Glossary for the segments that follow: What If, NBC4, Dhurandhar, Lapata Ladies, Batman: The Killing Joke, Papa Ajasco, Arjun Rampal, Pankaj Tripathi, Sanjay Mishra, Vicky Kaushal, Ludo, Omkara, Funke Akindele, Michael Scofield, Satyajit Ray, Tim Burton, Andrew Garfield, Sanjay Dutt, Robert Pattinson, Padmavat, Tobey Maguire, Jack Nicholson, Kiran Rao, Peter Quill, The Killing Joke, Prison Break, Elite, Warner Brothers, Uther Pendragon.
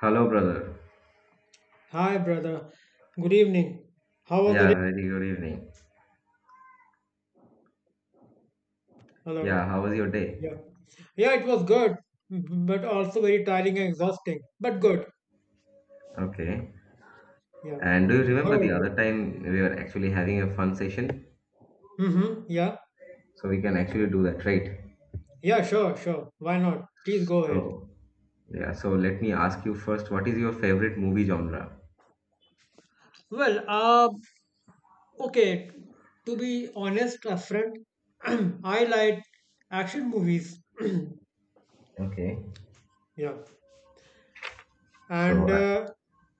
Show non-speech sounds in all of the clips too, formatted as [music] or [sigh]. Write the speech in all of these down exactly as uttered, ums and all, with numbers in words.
Hello, brother. Hi, brother. Good evening. How was the Yeah, day? very good evening. Hello. Yeah, how was your day? Yeah. Yeah, it was good, m- but also very tiring and exhausting, but good. Okay. Yeah. And do you What remember the about other you? time we were actually having a fun session? Mm-hmm. Yeah. So we can actually do that, right? Yeah, sure, sure. Why not? Please go ahead. So, yeah, so let me ask you first, what is your favorite movie genre? Well, uh, okay. To be honest, a friend, [clears throat] I like action movies. [clears throat] Okay. Yeah. and So, uh, uh,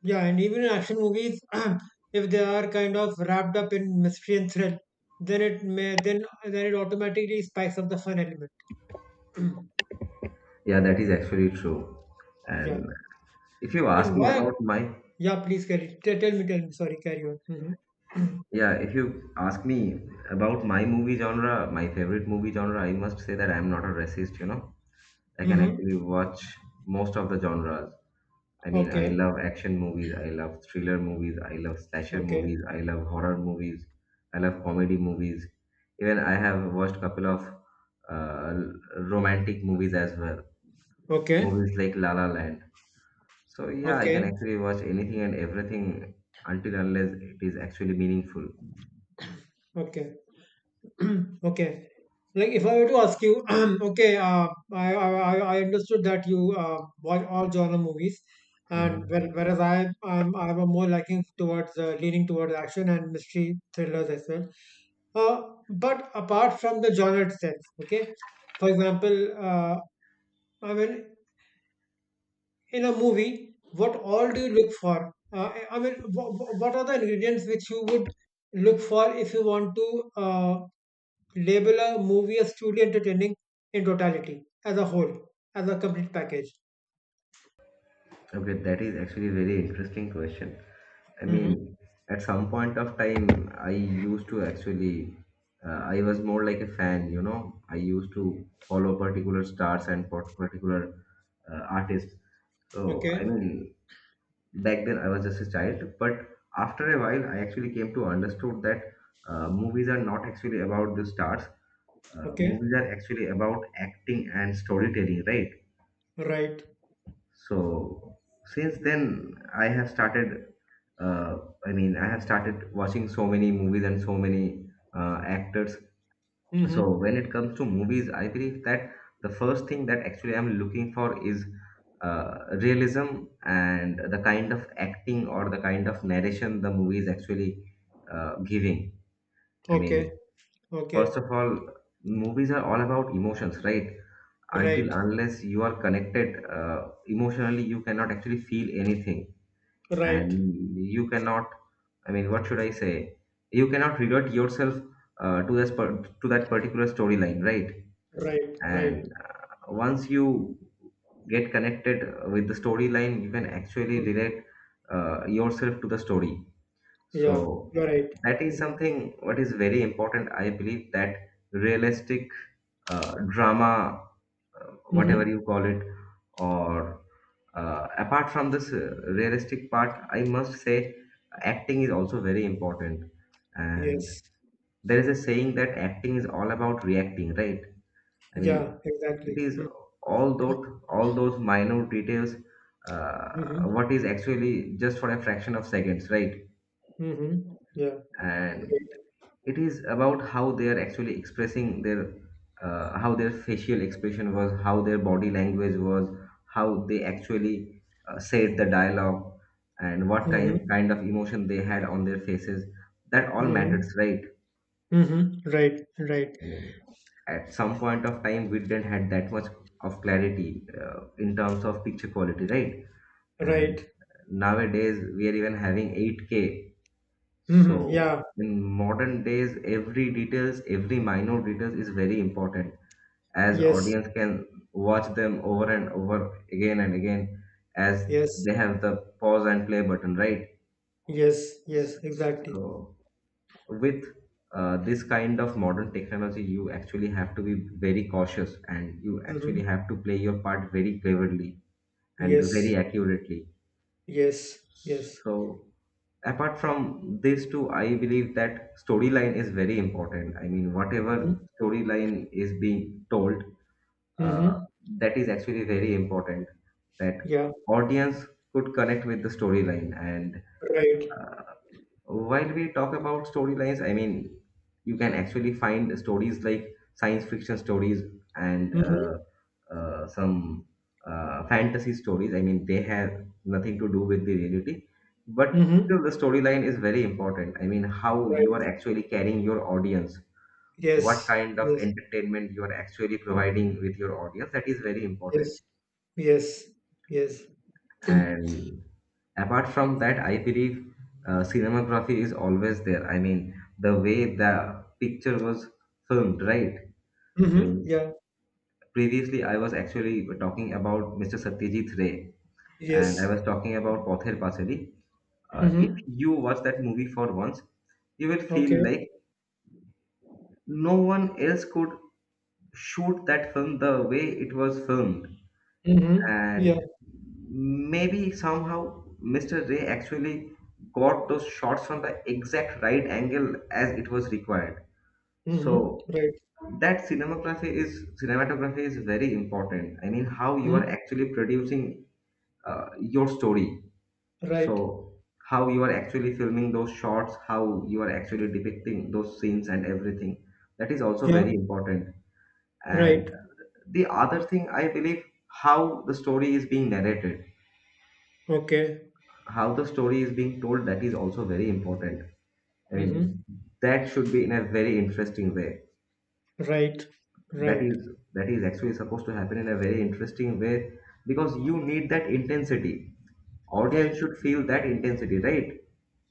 yeah, and even in action movies, [clears throat] if they are kind of wrapped up in mystery and thrill, then it may then then it automatically spikes up the fun element. [clears throat] yeah, that is actually true. Yeah. And if you And ask me why about my, yeah, please carry, tell, tell me tell me sorry, carry on. Mm-hmm. yeah, if you ask me about my movie genre, my favorite movie genre, I must say that I am not a racist, you know. I can Mm-hmm. actually watch most of the genres. I [clears throat] mean, I Okay. love action movies, I love thriller movies, I love slasher Okay. movies, I love horror movies, I love comedy movies. Even I have watched a couple of uh, romantic movies as well, Okay. movies like La La Land. So yeah, I Okay. can Okay. actually watch anything and everything until unless it is actually meaningful. Okay. Okay. Like if I were to ask you, [clears throat] okay, uh, I, I I I understood that you uh, watch all genre movies, and Hmm. where- whereas I I'm I'm a more liking towards uh, leaning towards action and mystery thrillers as well. Uh, but apart from the genre itself, okay, for example, uh, I mean, in a movie, what all do you look for? Uh, I mean, wh- wh- what are the ingredients which you would look for if you want to? Uh, label a movie as truly entertaining, in totality, as a whole, as a complete package. Okay, that is actually a very interesting question. I Mm-hmm. mean, at some point of time, I used to actually, uh, I was more like a fan, you know. I used to follow particular stars and part- particular uh, artists. So, I Okay. mean, back then I was just a child, but after a while, I actually came to understood that uh, movies are not actually about the stars. Uh, Okay. Movies are actually about acting and storytelling, right? Right. So since then, I have started. Uh, I mean, I have started watching so many movies and so many uh, actors. So Mm-hmm. when it comes to movies, I believe that the first thing that actually I'm looking for is uh, realism and the kind of acting or the kind of narration the movie is actually uh, giving. I Okay. mean, first Okay. of all, movies are all about emotions, right? Until Right. unless you are connected uh, emotionally, you cannot actually feel anything Right. and you cannot I mean what should I say you cannot revert yourself uh, to this per- to that particular storyline, right? Right. Right. And uh, once you get connected with the storyline, you can actually Mhm. relate uh, yourself to the story. So Yeah. You're right. that is Mm-hmm. something what is very important. I believe that realistic uh, drama, whatever Mm-hmm. you call it, or uh, apart from this uh, realistic part, I must say acting is also very important, and Yes. there is a saying that acting is all about reacting, right? I mean, Yeah. Exactly. it is all those all those minor details, uh, Mm-hmm. what is actually just for a fraction of seconds, right? Mm-hmm. Yeah. And Right. it is about how they are actually expressing their uh, how their facial expression was, how their body language was, how they actually uh, said the dialogue, and what kind Mm-hmm. kind of emotion they had on their faces. That all Mm-hmm. matters, right? Mm-hmm. Right. Right. I mean, at some point of time, we didn't had that much of clarity uh, in terms of picture quality, right? And Right. nowadays we are even having eight k. Mm-hmm. So Yeah. in modern days, every details, every minor details is very important, as Yes. audience can watch them over and over again and again, as Yes. they have the pause and play button, right? Yes. Yes. Exactly. So with uh, this kind of modern technology, you actually have to be very cautious and you actually Mm-hmm. have to play your part very cleverly and very Yes, accurately. yes, yes. So apart from these two, I believe that storyline is very important. I mean, whatever Mhm, storyline is being told, uh, mhm. that is actually very important, that Yeah, audience could connect with the storyline. And right. uh, while we talk about storylines, I mean, you can actually find stories like science fiction stories and Mhm, uh, uh, some uh, fantasy stories. I mean, they have nothing to do with the reality, but mhm. still the storyline is very important. I mean, how you are Right. actually carrying your audience, what Yes, kind of yes, entertainment you are actually providing with your audience, that is very important. yes, yes, yes. And apart from that, I believe uh, cinematography is always there. I mean, the way the picture was filmed, right? I Mhm, mean, yeah, previously I was actually talking about Mister Satyajit Ray, and I yes. was talking about Pother Pasali. Uh, if Mhm. you watch that movie for once, you will feel Okay. like no one else could shoot that film the way it was filmed, Mhm. Yeah. and maybe somehow Mister Ray actually got those shots from the exact right angle as it was required. Mhm. So Right. that cinematography is cinematography is very important. I mean, how you are Mhm. actually producing uh, your story. Right. So how you are actually filming those shots, how you are actually depicting those scenes and everything. That is also Yeah. very important. And Right. the other thing I believe, how the story is being narrated, Okay. how the story is being told, that is also very important. I Mhm. mean, that should be in a very interesting way. Right. that Right. is that is actually supposed to happen in a very interesting way, because you need that intensity. Audience Right. should feel that intensity, right?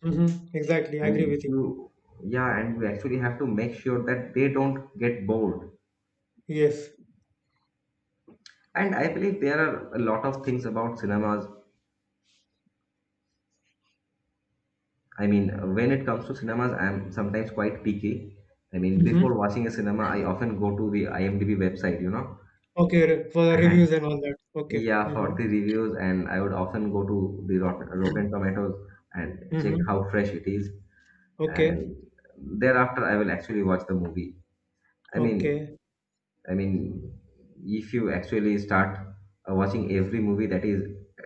Mhm. Exactly. I agree and with you. you yeah and we actually have to make sure that they don't get bored. Yes. And I believe there are a lot of things about cinemas. I mean, when it comes to cinemas, I'm sometimes quite picky. I mean, Mhm. before watching a cinema, I often go to the imdb website you know Okay. re- For [laughs] the And reviews and all that. Okay. yeah, for Mhm. the reviews, and I would often go to the Rotten, Rotten Tomatoes and check Mhm. how fresh it is, Okay, and thereafter I will actually watch the movie. I mean, okay. I mean, if you actually start uh, watching every movie that is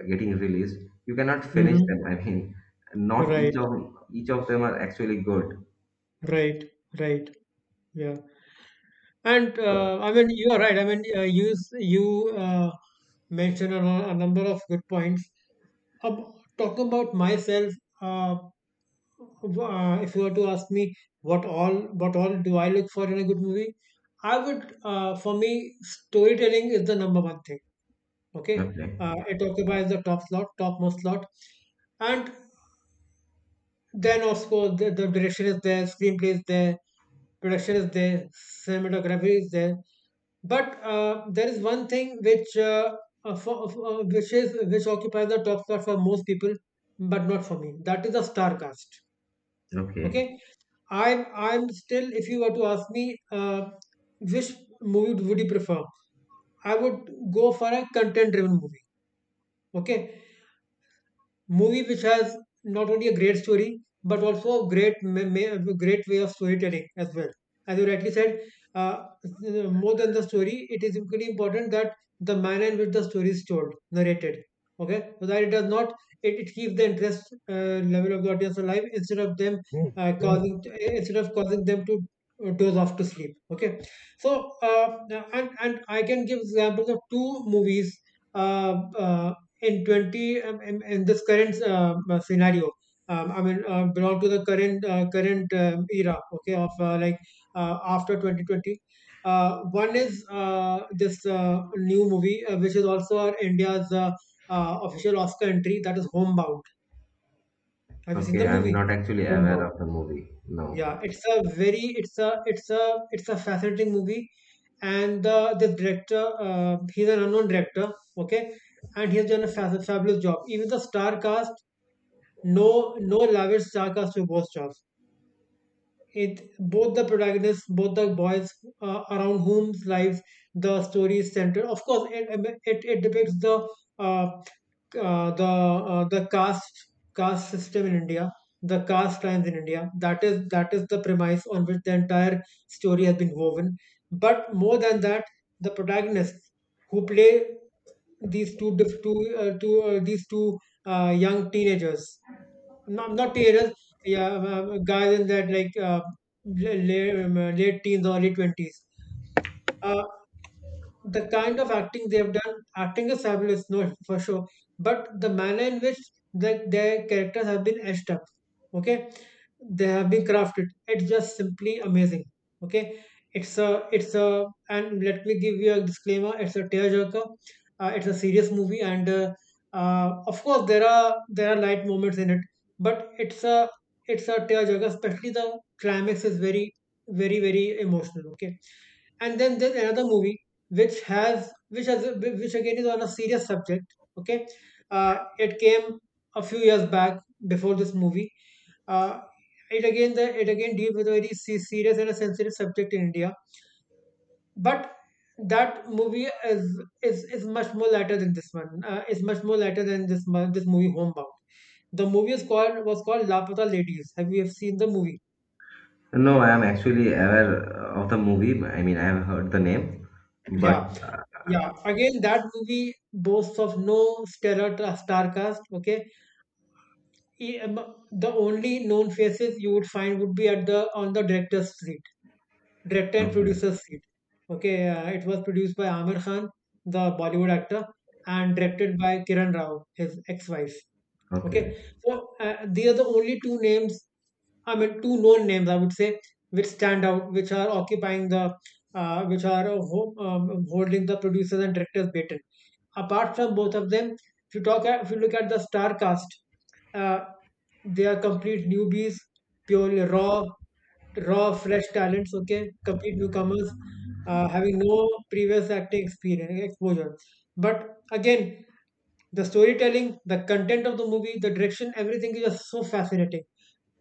getting released, you cannot finish them. Mm-hmm. I mean, not each of Right, each of them are actually good. right, right. Yeah. And So uh, I mean, you are right. I mean, uh, you s- you uh, mentioned a, lo- a number of good points. Ab Talking about myself, uh, w- uh, if you were to ask me what all what all do I look for in a good movie, I would, uh, for me storytelling is the number one thing. Okay, okay, uh, it occupies the top slot, topmost slot. And then, of course, the, the direction is there, screenplay is there, production is there, cinematography is there. But uh, there is one thing which uh, uh, for, uh, which is which occupies the top spot for most people, but not for me. That is the star cast. okay, Okay, I'm I'm still. If you were to ask me, uh, which movie would you prefer? I would go for a content-driven movie. Okay, movie which has not only a great story but also a great ma- ma- great way of storytelling as well. As you rightly said, uh, more than the story, it is equally important that the manner in which the story is told, narrated. Okay, so that it does not it, it keeps the interest uh, level of the audience alive, instead of them uh, causing instead of causing them to, uh, doze off to sleep. Okay, so uh, and and I can give examples of two movies, uh, uh, in twenty, um, in, in this current uh, uh, scenario, um, i mean uh, belong to the current uh, current um, era, okay, of uh, like uh, after twenty twenty. Uh, one is uh, this, uh, new movie, uh, which is also our India's, uh, uh, official Oscar entry, that is Homebound. Have you seen okay. the I'm movie not actually aware Homebound? of the movie. No. Yeah, it's a very, it's a it's a it's a fascinating movie, and the the director, uh, he's an unknown director, okay, and he's done a fa- fabulous job. Even the star cast, no, no lavish star cast to both jobs. It both the protagonists, both the boys, uh, around whom's lives the story is centered. Of course, it it, it depicts the, uh, uh, the, uh, the caste caste system in India, the caste crimes in India. That is that is the premise on which the entire story has been woven. But more than that, the protagonists who play these two diff- two uh, two uh, these two, uh, young teenagers, not, not teenagers. Yeah, uh, uh, guys in that, like, uh, la- la- um, late teens, or early twenties. Uh, the kind of acting they've done, acting is fabulous, no, for sure. But the manner in which the, their characters have been etched up, okay, they have been crafted. It's just simply amazing, okay. It's a, it's a, and let me give you a disclaimer. It's a tearjerker. Uh, it's a serious movie, and uh, uh, of course there are there are light moments in it, but it's a it's a tearjerker. Especially the climax is very, very very emotional. Okay, and then there's another movie which has, which has which again is on a serious subject, okay. Uh, it came a few years back, before this movie. Uh, it again, the it again deals with a very se- serious and a sensitive subject in India, but that movie is, is is much more lighter than this one, uh, is much more lighter than this mo- this movie Homebound. The movie is called, was called, Lapata Ladies. Have you, have seen the movie? No, I am actually aware of the movie. I mean, I have heard the name, but Yeah. uh, Yeah, again, that movie boasts of no stellar tra- star cast. Okay, E- um, the only known faces you would find would be at the on the director's seat, director and okay, producer's seat. Okay, uh, it was produced by Amir Khan, the Bollywood actor, and directed by Kiran Rao, his ex-wife. Okay, okay. so uh, they are the only two names, I mean, two known names I would say, which stand out, which are occupying the, uh, which are uh, ho- um, holding the producers and directors patent. Apart from both of them, if you talk, at, if you look at the star cast, uh, they are complete newbies, purely raw, raw, fresh talents. Okay, complete newcomers, uh, having no previous acting experience exposure. But again, the storytelling, the content of the movie, the direction, everything is just so fascinating.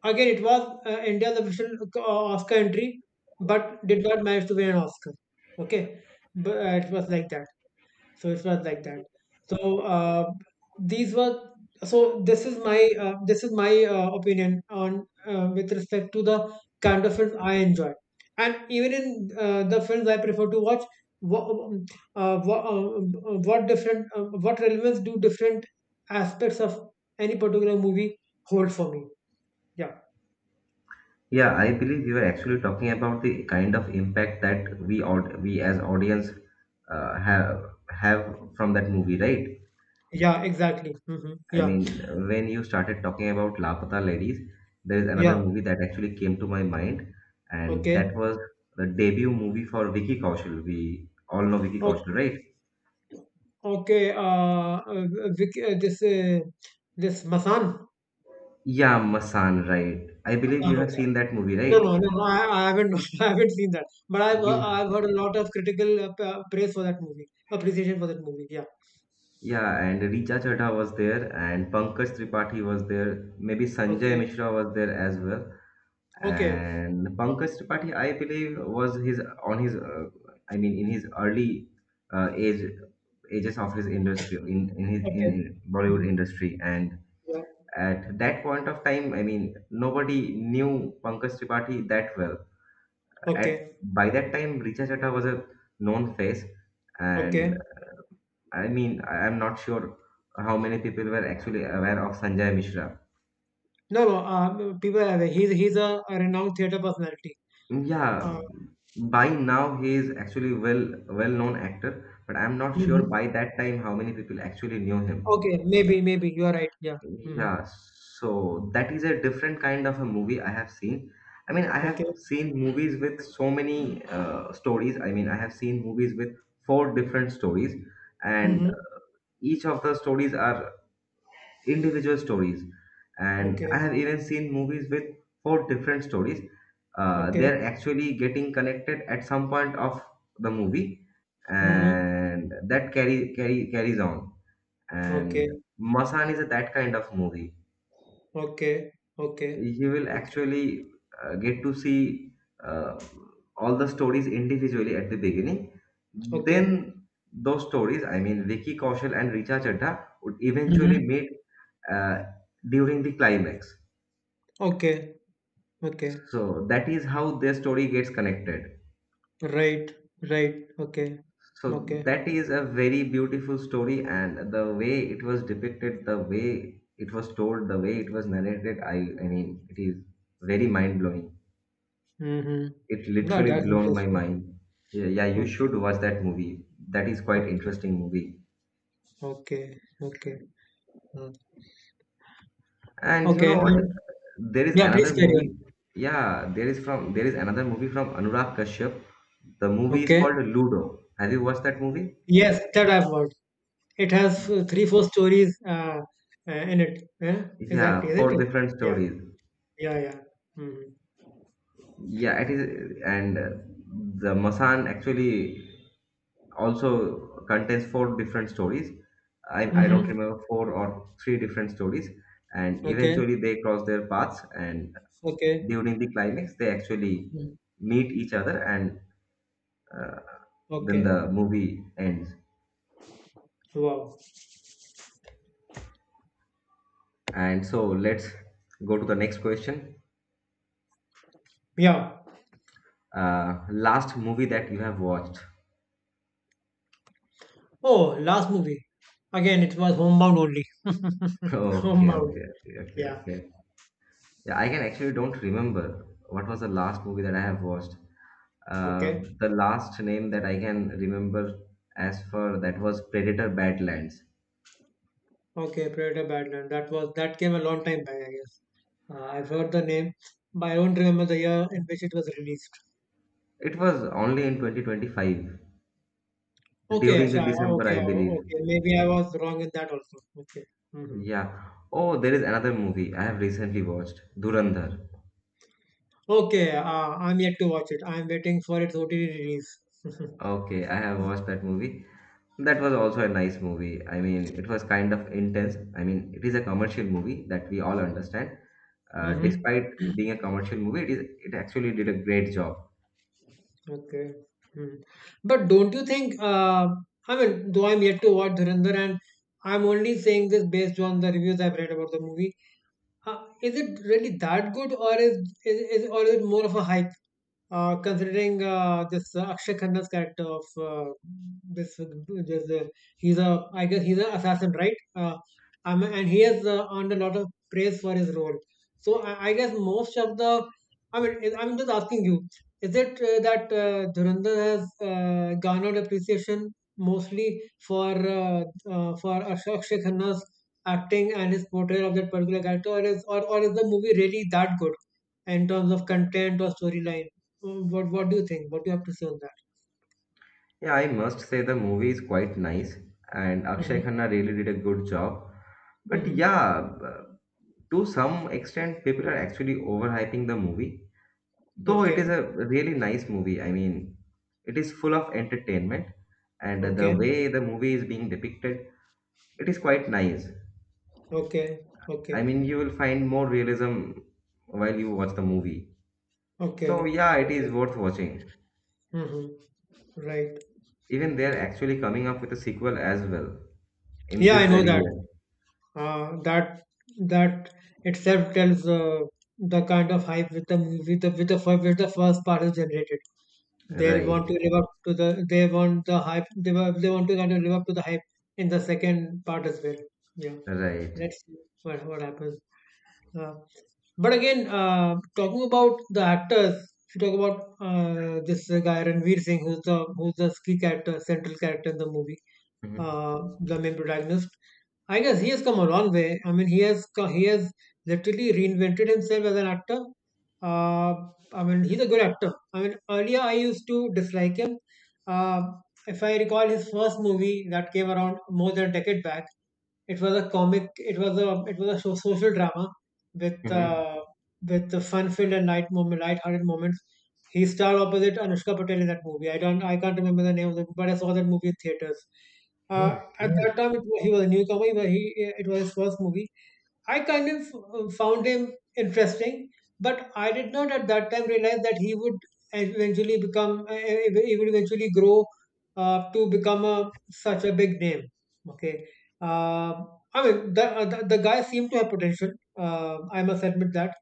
Again, it was uh, India's official, uh, Oscar entry, but did not manage to win an Oscar. Okay, but uh, it was like that so it was like that. So uh, these were so this is my, uh, this is my uh, opinion on, uh, with respect to the kind of films I enjoy, and even in, uh, the films I prefer to watch, what, uh, what, uh, uh, what different, uh, what relevance do different aspects of any particular movie hold for me. Yeah. Yeah, I believe you were actually talking about the kind of impact that we aud we as audience uh, have have from that movie, right? Yeah, exactly. Hmm. I Yeah. mean, when you started talking about Lapata Ladies, there is another Yeah. movie that actually came to my mind, and that Okay. was the debut movie for Vicky Kaushal. We all know Vicky O- Kaushal, right? okay, uh, uh, Vic- uh, this uh, this Masan. Yeah, Masan, right. I believe you Avatar, have okay. seen that movie, No, no, right? no, no. I, I haven't, [laughs] I haven't seen that. But I've, uh, You, I've heard a lot of critical, uh, p- uh, praise for that movie, appreciation for that movie. Yeah. yeah, and Richa Chadha was there, and Pankaj Tripathi was there. Maybe Sanjay Okay. Mishra was there as well. Okay. And Pankaj Tripathi, I believe, was his on his, uh, I mean, in his early uh, age ages of his industry, in in his Okay. in, in Bollywood Hmm. industry, and Yeah. at that point of time, I mean, nobody knew Pankaj Tripathi that well. At Okay. By that time, Richa Chadha was a known face, and Okay. I mean, I- I'm not sure how many people were actually aware of Sanjay Mishra. No, no. Um, people have. He's, he's a, a renowned theater personality. Uh, Yeah, by now he is actually well well known actor, but I'm not sure mhm. by that time how many people actually knew him. Okay. Maybe, maybe you are right. Yeah. Hmm. Yeah, so that is a different kind of a movie I have seen. I mean, I have Okay. seen movies with so many uh, stories. I mean, I have seen movies with four different stories, and Hmm. each of the stories are individual stories. And Okay. I have even seen movies with four different stories. Uh, Okay. They're actually getting connected at some point of the movie, Hmm. and that carry, carry carries on. And Okay. Masan is a, that kind of movie. Okay. Okay. You will Okay. actually uh, get to see uh, all the stories individually at the beginning. Okay. Then those stories, I mean Vicky Kaushal and Richa Chadha, would eventually Hmm. meet uh, during the climax. Okay. Okay. So that is how their story gets connected. Right, right. Okay, So okay. that is a very beautiful story, and the way it was depicted, the way it was told, the way it was narrated, I, I mean, it is very mind blowing. Mm-hmm. It No, literally that's blown my interesting. mind. Yeah, yeah, you Okay, should watch that movie. That is quite okay, interesting movie. okay, okay. Mm. And you Okay, know what? and There is yeah, please another carry on. movie. Yeah, there is from there is another movie from Anurag Kashyap. The movie is Okay. called Ludo. Have you watched that movie? Yes, that I've heard. It has uh, three, four stories, uh, uh, in it. Eh? Exactly, Yeah, isn't four it? different Yeah, stories. yeah, yeah. Mm-hmm. Yeah, it is, and uh, the Masan actually also contains four different stories. I, I don't Mm-hmm. remember four or three different stories, and Okay, eventually they cross their paths. And okay. during the climax, they actually Mm. meet each other, and uh, then Okay. the movie ends. Wow. And so let's go to the next question. Yeah. Uh, last movie that you have watched? [laughs] Oh, last movie. Again, it was Homebound only. [laughs] Okay, okay, Homebound. okay, okay, Yeah. okay. Yeah, I can actually don't remember what was the last movie that I have watched. Uh, Okay. The last name that I can remember as for that was Predator Badlands. Okay, Predator Badland. That was that came a long time back, I guess. Uh, I've heard the name, but I don't remember the year in which it was released. It was only in twenty twenty-five Okay, during the Asha, December, okay, I believe. okay. Maybe I was wrong in that also. Okay. Hmm. Yeah. Oh, there is another movie I have recently watched, Durandar. Okay, uh, I'm yet to watch it. I'm waiting for its O T T release. [laughs] Okay, I have watched that movie. That was also a nice movie. I mean, it was kind of intense. I mean, it is a commercial movie that we all understand. Uh, Mm-hmm. Despite being a commercial movie, it is it actually did a great job. Okay. Mm. But don't you think, uh, I mean, though I'm yet to watch Dhurandhar, and I'm only saying this based on the reviews I've read about the movie, uh, is it really that good, or is is, is or is it more of a hype? Uh, considering uh, this uh, Akshay Khanna's character of uh, this, uh, this uh, he's a, I guess he's an assassin, right? Uh, um, and he has uh, earned a lot of praise for his role. So I, I guess most of the, I mean is- I'm just asking you, is it uh, that uh, Dhurandhar has uh, garnered appreciation mostly for uh, uh, for Akshay Akshay Khanna's acting and his portrayal of that particular character, or is or, or is the movie really that good in terms of content or storyline? Mm, What what do you think? What do you have to say on that? Yeah, I must say the movie is quite nice, and Akshay Mm-hmm. Khanna really did a good job. But Mm-hmm. yeah, b- to some extent, people are actually overhyping the movie. Though it is Okay. a really nice movie. I mean, it is full of entertainment, and the Okay. way the movie is being depicted, it is quite nice. Okay. I Okay. mean, you will find more realism while you watch the movie. So, Okay. yeah, it is Okay. worth watching. Mm-hmm. Right. Even Right. they're actually coming up with a sequel as well in Yeah, this I know very that. year. Uh, that that itself tells uh, the kind of hype with the movie, the with the fir- with the first part is generated. They'll Right, want to live up to the they want the hype. They wa- they want to kind of live up to the hype in the second part as well. Yeah, right. let's see what what happens. Uh, but again, uh, talking about the actors, if you talk about uh, this guy Ranveer Singh, who's the who's the key character, central character in the movie, hmm uh, the main protagonist. I guess he has come a long way. I mean, he has co- he has literally reinvented himself as an actor. Uh, I mean, he's a good actor. I mean, earlier I used to dislike him. Uh, if I recall his first movie that came around more than a decade back, it was a comic. It was a it was a so- social drama with hmm uh, with the fun-filled and light moment, light-hearted moments. He starred opposite Anushka Patel in that movie. I don't, I can't remember the name of the movie, but I saw that movie in theaters. Uh, at that time, it was, he was a newcomer. He, was- he It was his first movie. I kind of uh, found him interesting, but I did not at that time realize that he would eventually become, uh, e, e, he would eventually grow uh, to become a, such a big name. Okay. Uh, I mean, the, uh, the, the guy seemed to have potential. Uh, I must admit that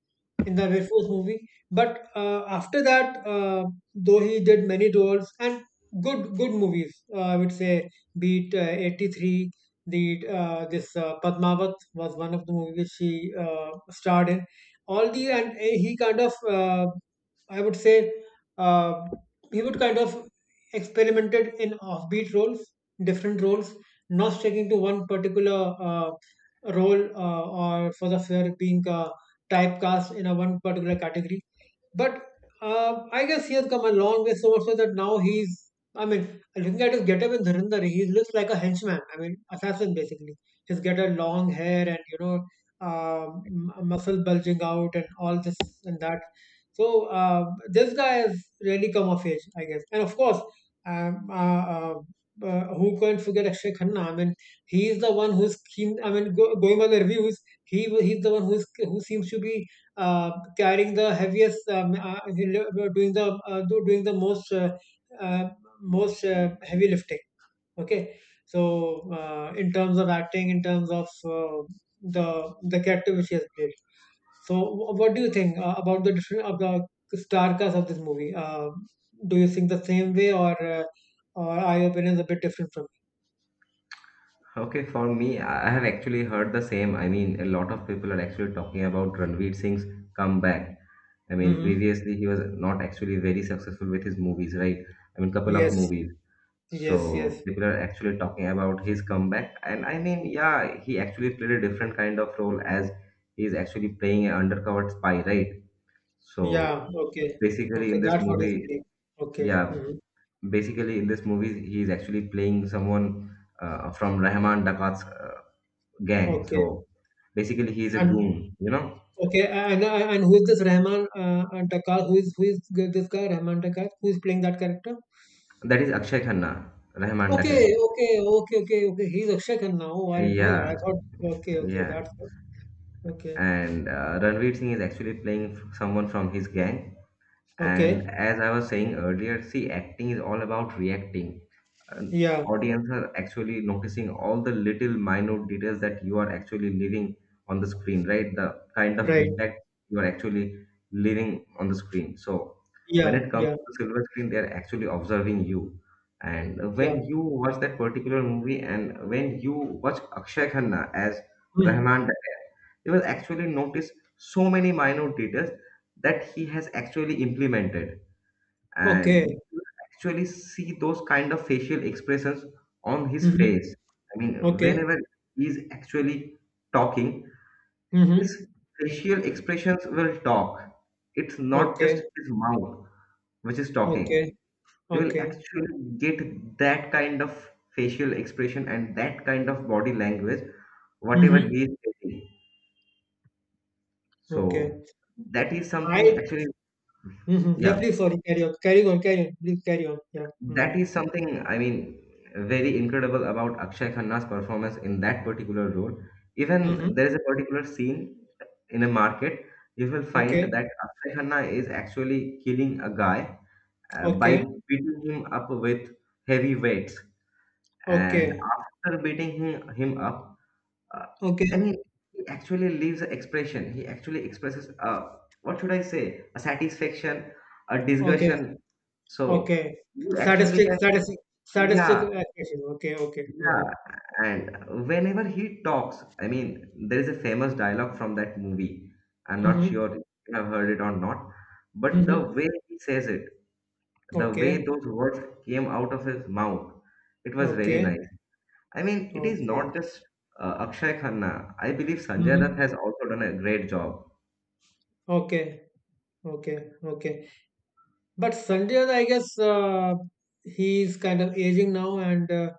in the very first movie. But uh, after that, uh, though he did many roles and good good movies, uh, I would say, beat uh, eighty-three the uh, this uh, Padmavat was one of the movies which she uh, starred in. All the and uh, he kind of uh, I would say uh, he would kind of experimented in offbeat roles, different roles, not sticking to one particular uh, role uh, or for the fear of being uh, typecast in a one particular category. But uh, I guess he has come a long way so much so that now he's. I mean, looking at his getup in Dhurandhar, he looks like a henchman. I mean, assassin basically. He's got a long hair and you know, um, m- muscle bulging out and all this and that. So uh, this guy has really come of age, I guess. And of course, um, uh, uh, uh, who can't forget Akshay Khanna? I mean, he is the one who's keen. I mean, go, going by the reviews, he wa- he's the one who's who seems to be uh, carrying the heaviest, um, uh, uh, doing the uh, do- doing the most uh, uh, most uh, heavy lifting. Okay, so uh, in terms of acting, in terms of uh, the the character which he has played. So, wh- what do you think uh, about the different of the star cast of this movie? Uh, do you think the same way, or uh, or are your opinions a bit different from Okay, for me, I I have actually heard the same. I mean, a lot of people are actually talking about Ranveer Singh's comeback. I me? mean, Mm-hmm. previously he was not actually very successful with his movies, right? I mean, couple of Yes, movies. So yes, yes. people are actually talking about his comeback, and I mean, yeah, he actually played a different kind of role as he's actually playing an undercover spy, right? So Yeah. Okay. basically, Okay. in this That's what he's movie, saying. Okay. yeah, Mm-hmm. basically in this movie, he's actually playing someone uh, from Rahman Dakat's uh, gang. Okay. So basically, he's a And goon, you know. okay, and and and who is this Rahman uh, uh, Takkar? Who is who is g- this guy Rahman Takkar? Who is playing that character? That is Akshay Khanna, Rahman Dakat. Okay, okay, okay, okay, okay. He's Akshay Khanna now. Oh, I didn't know that. I Yeah, thought okay, okay, yeah, that's good. Okay, and uh, Ranveer Singh is actually playing f- someone from his gang. And okay. as I was saying earlier, see, acting is all about reacting. An Yeah, audience are actually noticing all the little minute details that you are actually leaving on the screen, right? The kind of right. impact you are actually leaving on the screen. So when Yeah, it comes yeah, to the silver screen, they are actually observing you. And yeah. when you watch that particular movie, and when you watch Akshay Khanna as Hmm. Rahman, you will actually notice so many minor details that he has actually implemented, Okay. and you will actually see those kind of facial expressions on his Hmm. face. I mean, Okay. whenever he is actually talking, Hmm. his facial expressions will talk. It's not just Okay. his mouth which is talking. Okay. You will Okay. actually get that kind of facial expression and that kind of body language whatever Hmm. he is saying. So Okay. that is something I. actually, Hmm. Yeah. yeah, Please. Sorry. Carry on. Carry on. Carry on. Please carry on. Yeah. Hmm. that is something I mean very incredible about Akshay Khanna's performance in that particular role. Even Hmm. there is a particular scene in a market, you will find Okay. that Akshay Khanna is actually killing a guy uh, by Okay. beating him up with heavy weights. And Okay, after beating him, him up, uh, and he, okay, he actually leaves an expression. He actually expresses, uh, what should I say, a satisfaction, a okay, discussion. So okay. you actually Statistic, can, statistic, statistic yeah, accuracy. Okay, okay. Mm-hmm. yeah, and whenever he talks, I mean there is a famous dialogue from that movie. I'm not Mm-hmm. sure if you have heard it or not, but the Mm-hmm. way he says it, the way Okay, those words came out of his mouth, it was very okay, nice. I mean, it is okay. not just uh, Akshay Khanna. I believe Sanjay Dutt Mm-hmm. has also done a great job. Okay, okay, okay. But Sanjay, I guess uh, he's kind of aging now, and uh,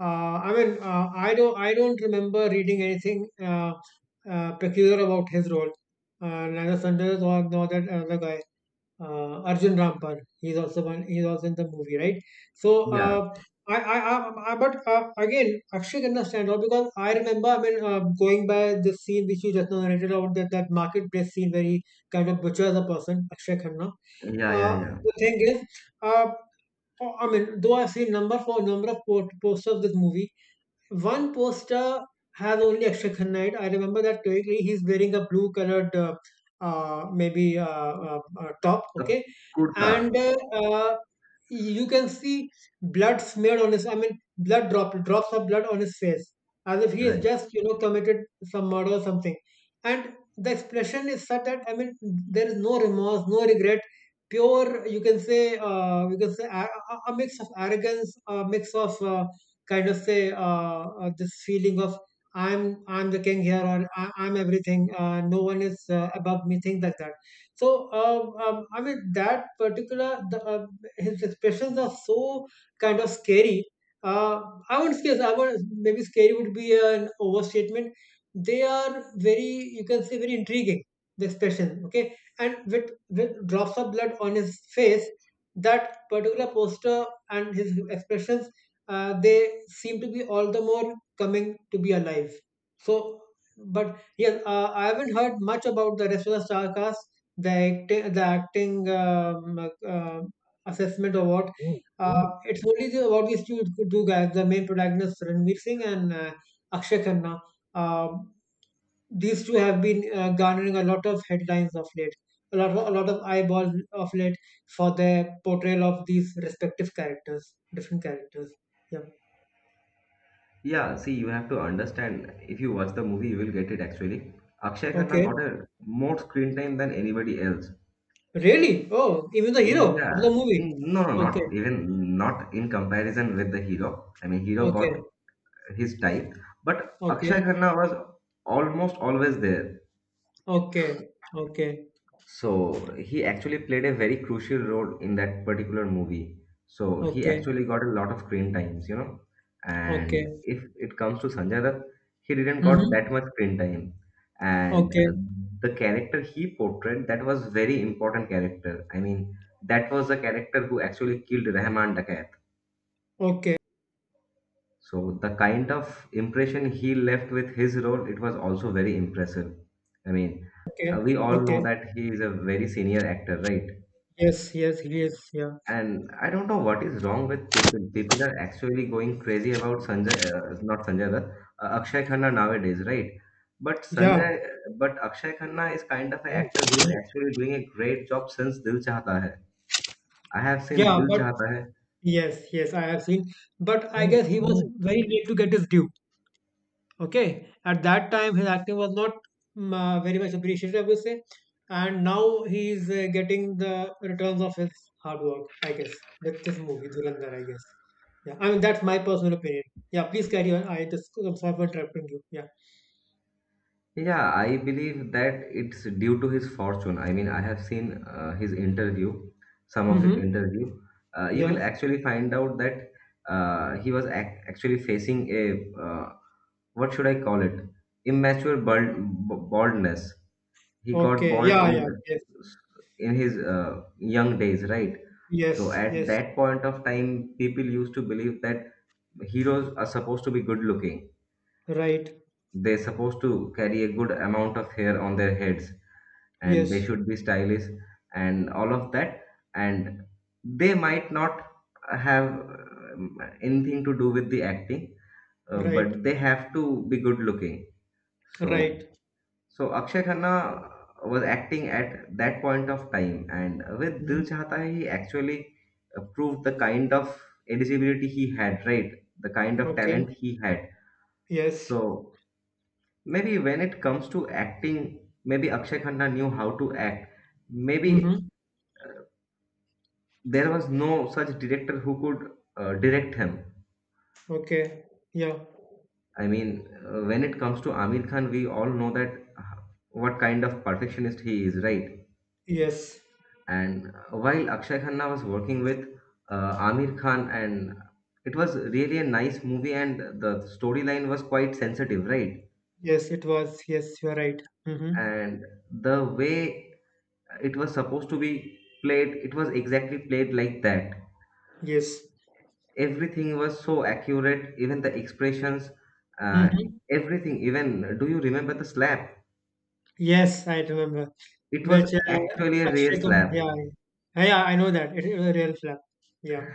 uh, I mean, uh, I don't, I don't remember reading anything uh, uh, peculiar about his role, uh, neither Sanjay nor, nor that other guy. Uh, Arjun Rampal. He's also one. He's also in the movie, right? So, Yeah, uh, I, I, I, I, but uh, again, Akshay can stand out because I remember. I mean, uh, going by the scene which you just now narrated about that that marketplace scene where he kind of butchers a person, Akshay Khanna. yeah, yeah, Uh, yeah. the thing is, uh, oh, I mean, though I've seen number for number of po- posters of this movie, one poster has only Akshay Khanna in it. I remember that correctly. He's wearing a blue colored, uh, uh, maybe uh, uh, uh, top. The Okay, and kurta, uh, uh, you can see blood smeared on his. I mean, blood drop drops of blood on his face, as if he has right? just you know committed some murder or something. And the expression is such that I mean, there is no remorse, no regret. Pure, you can say, uh, you can say a, a a mix of arrogance, a mix of uh, kind of say uh, uh, this feeling of I'm I'm the king here or I, I'm everything. Uh, no one is uh, above me. Things like that. So um, um, I mean that particular the, uh, his expressions are so kind of scary. Uh, I wouldn't say I would maybe scary would be an overstatement. They are very you can say very intriguing the expression. Okay, and with with drops of blood on his face, that particular poster and his expressions uh, they seem to be all the more coming to be alive. So, but yes, uh, I haven't heard much about the rest of the star cast, the acting, the acting um, uh, assessment or what. Uh, it's only the, about these two, two guys, the main protagonists Ranveer Singh and uh, Akshay Khanna. Um, these two have been uh, garnering a lot of headlines of late, a lot, of- a lot of eyeballs of late for their portrayal of these respective characters, different characters. Yeah. Yeah, see, you have to understand. If you watch the movie, you will get it actually. Akshay Khanna Okay. got a more screen time than anybody else. Really? Oh, even the hero Yeah, of the movie. Mm, no, no, Okay. not even not in comparison with the hero. I mean, hero got Okay. his time, but Akshay Okay. Khanna was almost always there. Okay. Okay. So he actually played a very crucial role in that particular movie. So he Okay. actually got a lot of screen times, you know. And Okay. if it comes to Sanjay Dutt, he didn't got that Mm-hmm. much screen time. And Okay. uh, the character he portrayed, that was very important character. I mean, that was the character who actually killed Rahman Dakat. Okay. So the kind of impression he left with his role, it was also very impressive. I mean, Okay. uh, we all know Okay. that he is a very senior actor, right? Yes. Yes. Yes. Yeah. And I don't know what is wrong with people. People are actually going crazy about Sanjay, uh, not Sanjay Dutt, uh, Akshay Khanna nowadays, right? But Yeah. Sanjay, but Akshay Khanna is kind of an Mm, actor who is mm, actually doing a great job since Dil Chahta Hai. I have seen Yeah. Dil But Chahta Hai. yes. Yes. I have seen. But I mm, guess he was mm, very late to get his due. Okay, at that time his acting was not mm, uh, very much appreciated, I would say, and now he is uh, getting the returns of his hard work, I guess, with this movie Dhurandhar, I guess. Yeah, I mean that's my personal opinion. Yeah, please carry on. I just I'm sorry for interrupting you. Yeah. Yeah, I believe that it's due to his fortune. I mean, I have seen uh, his interview, some of his Mm-hmm. interview. Uh, you will Yeah. actually find out that uh, he was ac actually facing a uh, what should I call it? Immature bald, baldness. He got Okay. bald Yeah. in Yeah. Yes. in his uh, young days, right? So Yes. at Yes. that point of time, people used to believe that heroes are supposed to be good looking. Right. They're supposed to carry a good amount of hair on their heads, and they Yes. should be stylish and all of that. And they might not have um, anything to do with the acting, uh, but Right. they have to be good looking. So Right. So Akshay Khanna was acting at that point of time, and with Dil Hmm. Chahta Hai, he actually uh, proved the kind of eligibility he had, right? The kind of Okay. talent he had. Yes. So maybe when it comes to acting, maybe Akshay Khanna knew how to act. Maybe Mm-hmm. there was no such director who could uh, direct him. Okay. Yeah. I mean, uh, when it comes to Amir Khan, we all know that uh, what kind of perfectionist he is, right? Yes. And while Akshay Khanna was working with uh, Amir Khan, and it was really a nice movie, and the storyline was quite sensitive, right? Yes, it was. Yes, you're right. Mm-hmm. And the way it was supposed to be played, it was exactly played like that. Yes. Everything was so accurate, even the expressions, uh, Mm-hmm. everything. Even do you remember the slap? Yes, I remember. It was Which uh, actually a real Akshay Kumar, slap. yeah, yeah, yeah, I know that. It, it was a real flap. Yeah.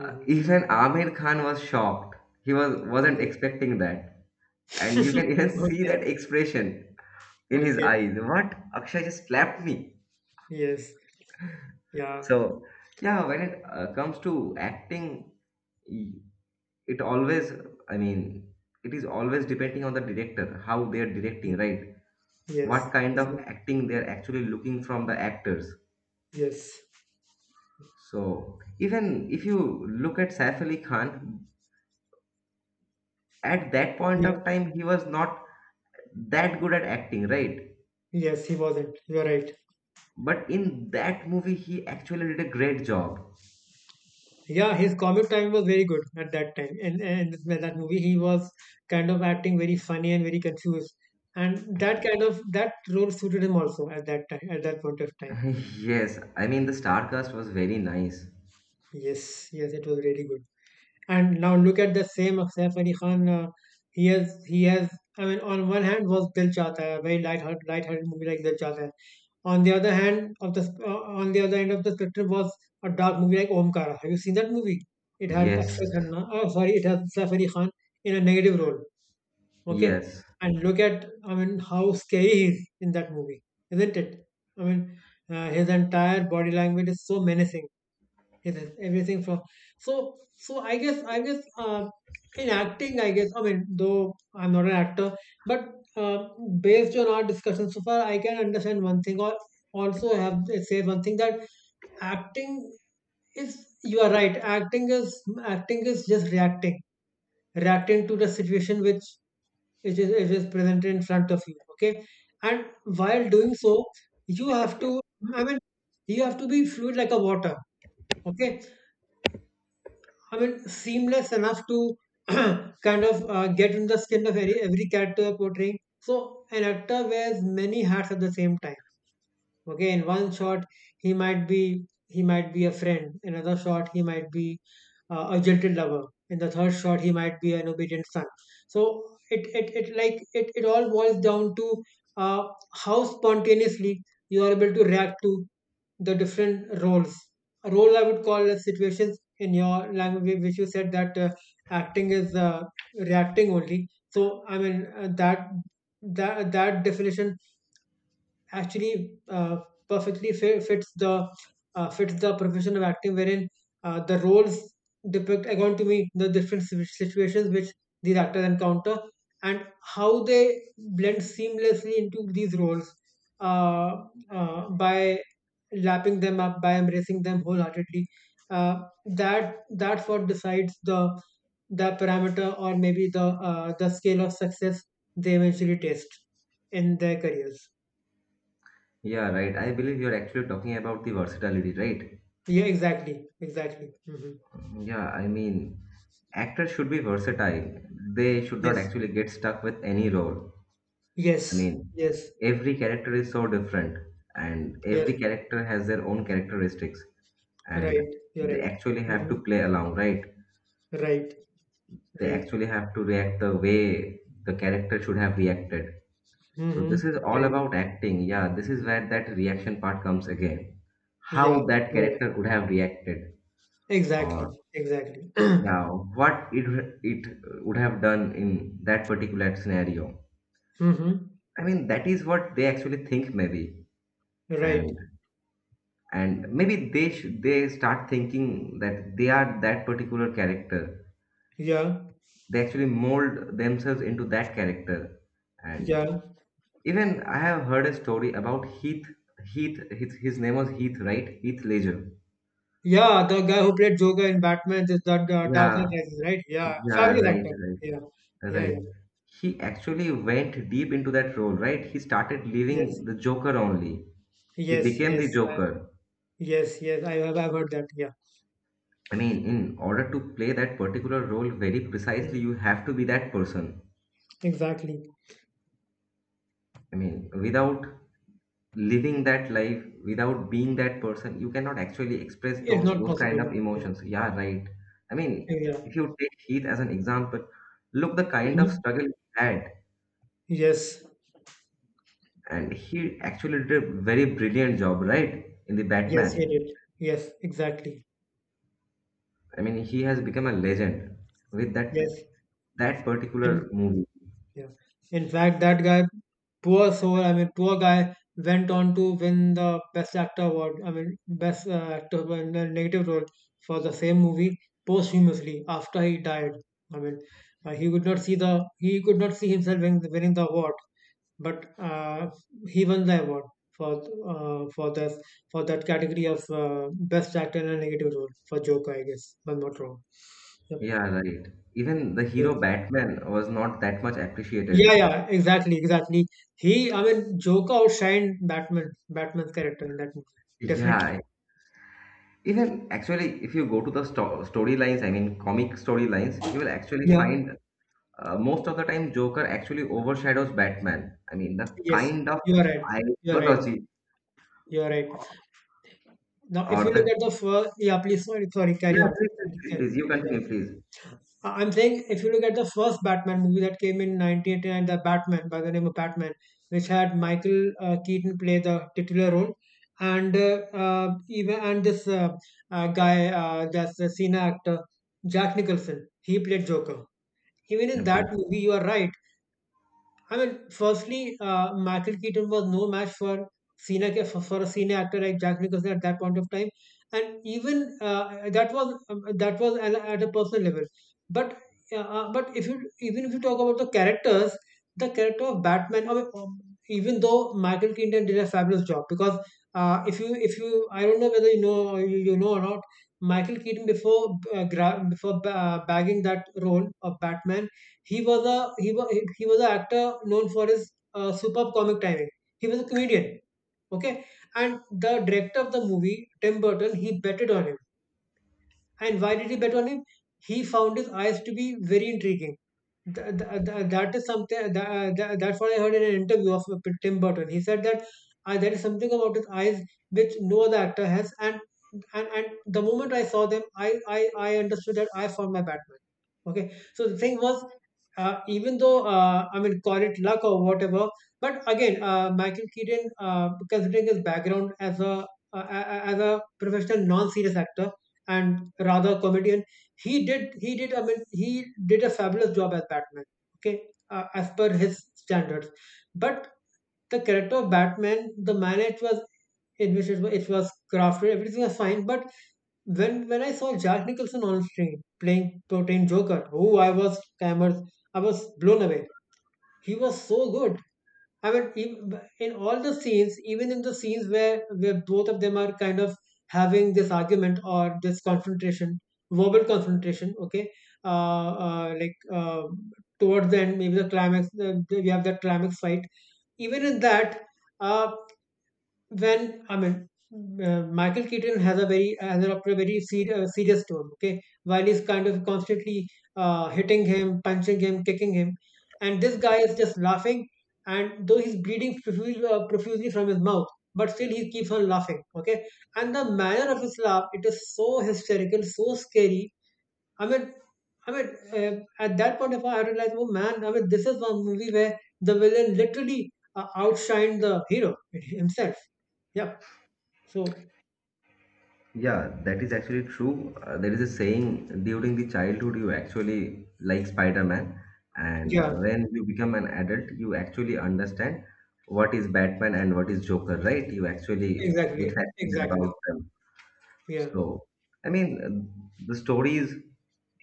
Uh, Even Amir Khan was shocked. He was wasn't Yes. expecting that. And you can even [laughs] see Okay. that expression in his Okay. eyes. What? Akshay just slapped me. Yes. Yeah. So, yeah, when it uh, comes to acting, y- it always, I mean, it is always depending on the director, how they are Yes. directing, right? Yes. What kind of acting they are actually looking from the actors. Yes. So, even if you look at Saif Ali Khan, at that point Yeah. of time, he was not that good at acting, right? Yes, he wasn't. You're right. But in that movie, he actually did a great job. Yeah, his comic timing was very good at that time. And and that movie, he was kind of acting very funny and very confused, and that kind of that role suited him also at that time, at that point of time. [laughs] Yes, I mean the star cast was very nice. Yes, yes, it was really good. And now look at the same Saif Ali Khan. Uh, he has he has. I mean, on one hand was Dil Chahta Hai, a very light hearted, light hearted movie like Dil Chahta Hai. On the other hand of the uh, on the other end of the spectrum was a dark movie like Omkara. Have you seen that movie? It had Yes, Akshay Khanna. Oh, sorry, it has Saif Ali Khan in a negative role. Okay, yes, and look at I mean how scary he is in that movie, isn't it? I mean, uh, his entire body language is so menacing it is everything from so so I guess I guess uh, in acting I guess I mean though I'm not an actor but uh, based on our discussion so far I can understand one thing or also have say one thing that acting is you are right acting is acting is just reacting reacting to the situation which which is, which is presented in front of you okay and while doing so you have to I mean you have to be fluid like a water okay I mean, seamless enough to [clears throat] kind of uh, get in the skin of every, every character portraying. So an actor wears many hats at the same time. Okay, in one shot he might be he might be a friend, another shot he might be uh, a jilted lover, in the third shot he might be an obedient son. So it it, it like it, it all boils down to uh, how spontaneously you are able to react to the different roles. A role I would call as situations in your language, which you said that uh, acting is uh, reacting only. So i mean uh, that that that definition actually, uh, perfectly fi- fits the uh, fits the profession of acting, wherein uh, the roles depict, according to me, the different situ- situations which these actors encounter, and how they blend seamlessly into these roles, uh, uh, by lapping them up, by embracing them wholeheartedly. Uh, that that's what decides the the parameter, or maybe the uh, the scale of success they eventually taste in their careers. yeah, right. I believe you're actually talking about the versatility, right? Yeah, exactly, exactly. Hmm. Yeah, I mean, actors should be versatile. They should not Yes, actually get stuck with any role. I yes, mean, yes, every character is so different, and yes. every character has their own characteristics, and Right, you're they right. actually have Hmm. to play along, right? Right, They right. actually have to react the way the character should have reacted. So Hmm. this is all Right. about acting. Yeah, this is where that reaction part comes again. Yeah, How that you're right. character would have reacted, or Exactly, exactly. [clears throat] yeah, what it it would have done in that particular scenario. Hmm. I mean, that is what they actually think maybe, Right. and and maybe they sh- they start thinking that they are that particular character. Yeah, They actually mold themselves into that character, and yeah, even I have heard a story about Heath. Heath, his, his name was Heath, right? Heath Ledger. yeah. The guy who played Joker in Batman, is that uh, Dark Yeah, Knight Rises, right? Yeah, yeah, fabulous right, actor. Yeah, right, yeah, yeah. right. He actually went deep into that role, right? He started Yes, leaving the Joker only. He yes, became the yes. I, Joker. yes, yes. I have. I've heard that. Yeah. I mean, in order to play that particular role very precisely, Mm. you have to be that person. Exactly. I mean, without living that life, without being that person, you cannot actually express It's those not those kind possible. of Yeah. emotions. Yeah, right. I mean, Yeah. if you take Heath as an example, look the kind of Mhm. struggle he had, Yes. and he actually did a very brilliant job, right, in the Yes, he Batman. did. Yes, exactly. I mean, he has become a legend with that Yes. that particular And movie. yeah. In fact, that guy, poor soul, I mean, poor guy went on to win the Best Actor award. I mean, Best uh, Actor in a negative role for the same movie, posthumously, after he died. I mean, uh, he could not see the he could not see himself win, winning the award, but uh, he won the award for uh, for this for that category of uh, Best Actor in a negative role for Joker, I guess. If I'm not wrong. Yep. Yeah, right, even the hero Yeah. Batman was not that much appreciated. Yeah, yeah, exactly, exactly. He, I mean, Joker outshined Batman, Batman's character in that movie. Definitely. Yeah, even actually if you go to the sto- storylines, I mean comic storylines, you will actually Yeah. find uh, most of the time Joker actually overshadows Batman. I mean the Yes. kind of You are right. You are right. ideology, You are right. Now, if you or look the, at the first, yeah, please, sorry, sorry, carry yeah, on. please, Carry, please, carry. please you Yeah. continue please. I- I'm saying if you look at the first Batman movie that came in nineteen eighty-nine, the Batman by the name of Batman, which had Michael uh, Keaton play the titular role, and uh, uh, even and this uh, uh, guy, uh, that's the Cena actor, Jack Nicholson, he played Joker. Even in Okay. that movie, you are right. I mean, firstly, uh, Michael Keaton was no match for senior ca- for, for a senior actor like Jack Nicholson at that point of time, and even uh, that was um, that was at, a- at a personal level. But uh, uh, but if you, even if you talk about the characters, the character of Batman, I mean, um, even though Michael Keaton did a fabulous job, because uh, if you if you I don't know whether you know, or you, you know or not, Michael Keaton before uh, gra- before ba- bagging that role of Batman, he was a he was he was an actor known for his uh, superb comic timing. He was a comedian, okay. And the director of the movie, Tim Burton, he betted on him. And why did he bet on him? He found his eyes to be very intriguing. Th- th- th- that is something that, that, that's what I heard in an interview of Tim Burton. He said that uh, there is something about his eyes which no other actor has, and and and the moment I saw them, I I I understood that I found my Batman. Okay, so the thing was, uh, even though, uh, I mean, call it luck or whatever, but again, uh, Michael Keaton, uh, considering his background as a uh, as a professional non-serious actor and rather comedian, he did he did I mean he did a fabulous job as Batman. Okay, uh, as per his standards, but the character of Batman, the manner it was in which it was, it was crafted, everything was fine. But when when I saw Jack Nicholson on screen playing Protein Joker, oh, I was cameras, I was blown away. He was so good. I mean, ev- in all the scenes, even in the scenes where where both of them are kind of having this argument or this confrontation, verbal confrontation, okay, uh, uh, like uh, towards the end, maybe the climax, uh, we have that climax fight. Even in that, uh, when I mean, uh, Michael Keaton has a very, has a very ser- uh, serious tone. Okay, while he's kind of constantly uh, hitting him, punching him, kicking him, and this guy is just laughing. And though he's bleeding profusely, uh, profusely from his mouth, but still he keeps on laughing. Okay, and the manner of his laugh, it is so hysterical, so scary. I mean, I mean, uh, at that point of time, I realized, oh man, I mean, this is one movie where the villain literally, uh, outshined the hero [laughs] himself. Yeah. So Yeah, that is actually true. Uh, there is a saying during the childhood you actually like Spider-Man, and uh, yeah, when you become an adult, you actually understand what is Batman and what is Joker, right? You actually get exactly, fascinated about exactly. them. Yeah, So, I mean, uh, the stories.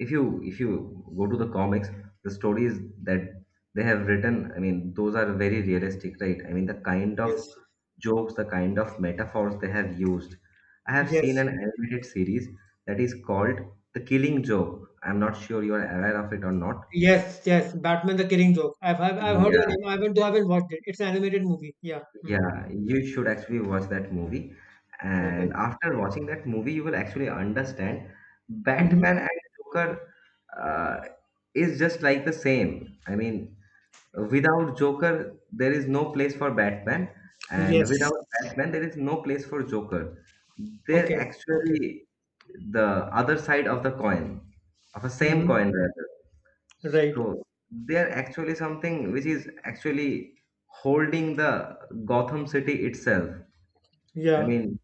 If you if you go to the comics, the stories that they have written, I mean, those are very realistic, right? I mean, the kind of yes, jokes, the kind of metaphors they have used. I have seen yes, an animated series that is called The Killing Joke. I'm not sure you are aware of it or not. yes, yes. Batman: The Killing Joke. I've I've, I've heard of the Yeah, name. I haven't I haven't watched it. It's an animated movie. Yeah. Hmm. yeah, you should actually watch that movie. Okay. And after watching that movie, you will actually understand Hmm. Batman and Joker uh, is just like the same. I mean, without Joker, there is no place for Batman, and Yes. without Batman, there is no place for Joker. They're Okay. Okay. actually the other side of the coin, of a same coin Hmm. rather. Right. So they are actually something which is actually holding the Gotham City itself. I Yeah. mean,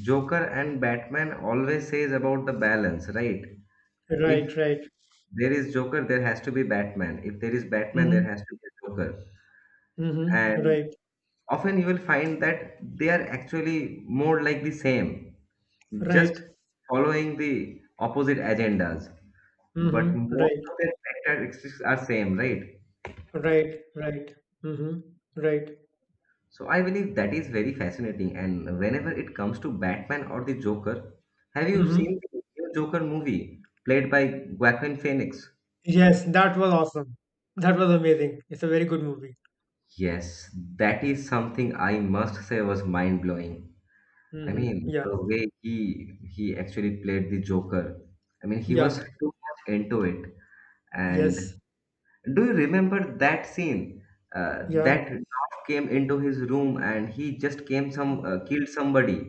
Joker and Batman always says about the balance, right? If Right. Right. there is Joker, there has to be Batman. If there is Batman, there Hmm. has to be a Joker. Hmm. And Right. often you will find that they are actually more like the same, just Right. following the opposite agendas. But Hmm. most Right. of their characteristics are same, right? Right. Right. Hmm. Right. So I believe that is very fascinating. And whenever it comes to Batman or the Joker, have you seen Hmm. the new Joker movie played by Joaquin Phoenix? Yes, that was awesome. That was amazing. It's a very good movie. Yes, that is something I must say was mind blowing. I Mm-hmm. mean, the Yeah, way he he actually played the Joker. I mean, he was yeah, too much into it. And yes, do you remember that scene? Uh, yeah, That dog came into his room and he just came some uh, killed somebody.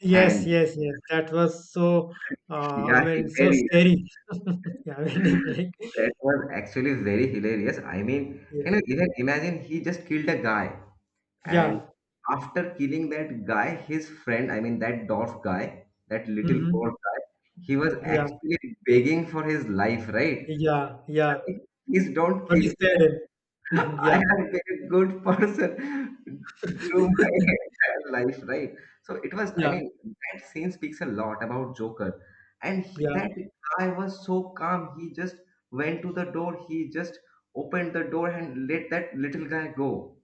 yes, And yes, yes. That was so, uh, I yeah, he- mean, so very scary. [laughs] Yeah, I mean, [laughs] it's like, that was actually very hilarious. I mean, yeah, can you even imagine he just killed a guy and yeah, after killing that guy, his friend, I mean that dwarf guy, that little poor mm-hmm. guy, he was Yeah, actually begging for his life, right? yeah, yeah. [laughs] Please don't But kill it's me. there. Mm-hmm. I Yeah, have been a good person through my entire life, right? So it was, I yeah, mean, that scene speaks a lot about Joker. And he, yeah, that guy was so calm. He just went to the door, he just opened the door and let that little guy go.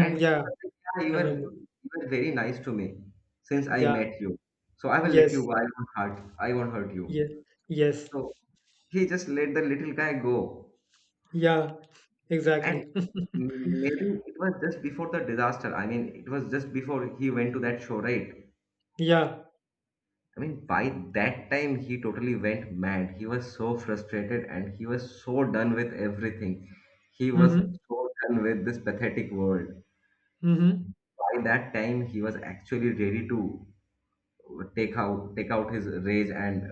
And he Yeah, was like, yeah, you I were, remember. you were very nice to me since I Yeah, met you. So I will let yes, you go. I won't hurt. I won't hurt you. yes, yes, So he just let the little guy go. yeah, And exactly. [laughs] maybe it was just before the disaster. I mean, it was just before he went to that show, right? Yeah, I mean, by that time, he totally went mad. He was so frustrated and he was so done with everything. He was mm-hmm. so done with this pathetic world. Mm-hmm. By that time, he was actually ready to take out take out his rage, and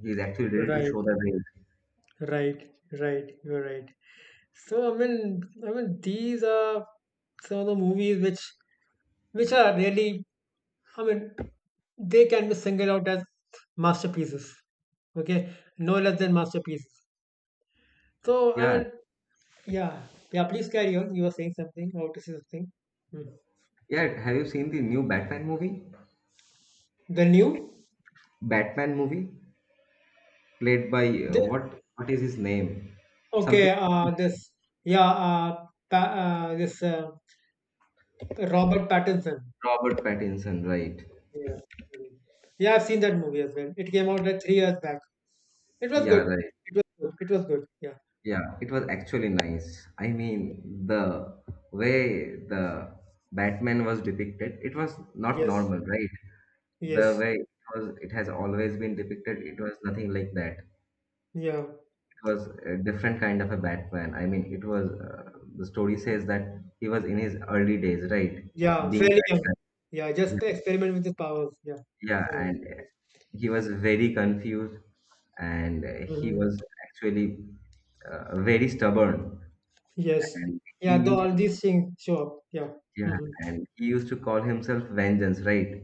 he's actually ready to Right, show the rage. right, right. You're right. So I mean, I mean, these are some of the movies which which are really, I mean, they can be singled out as masterpieces. Okay, no less than masterpieces. So I Yeah, mean, yeah, yeah. Please carry on. You were saying something. I want to say something. Hmm. yeah. Have you seen the new Batman movie? The new, Batman movie played by uh, the, what? What is his name? Something. okay. Uh, this yeah. Uh, pa, uh this uh, Robert Pattinson. Robert Pattinson, right? Yeah. Hmm. Yeah. I've seen that movie as well. It came out like three years back. It was Yeah, good. right. It was good. It was good. Yeah. Yeah, it was actually nice. I mean, the way the Batman was depicted, it was not Yes. normal, right? The Yes. way it was, it has always been depicted, it was nothing like that. It Yeah. was a different kind of a Batman. I mean, it was uh, the story says that he was in his early days, right? Yeah. Being Fairly young. Batman. Yeah. Yeah, Just experiment with his powers. Yeah. yeah, So, and uh, he was very confused, and uh, he mhm. was actually uh, very stubborn. Yes. And he Yeah. The, used all to, these things show up. Yeah. yeah, Hmm. and he used to call himself Vengeance, right?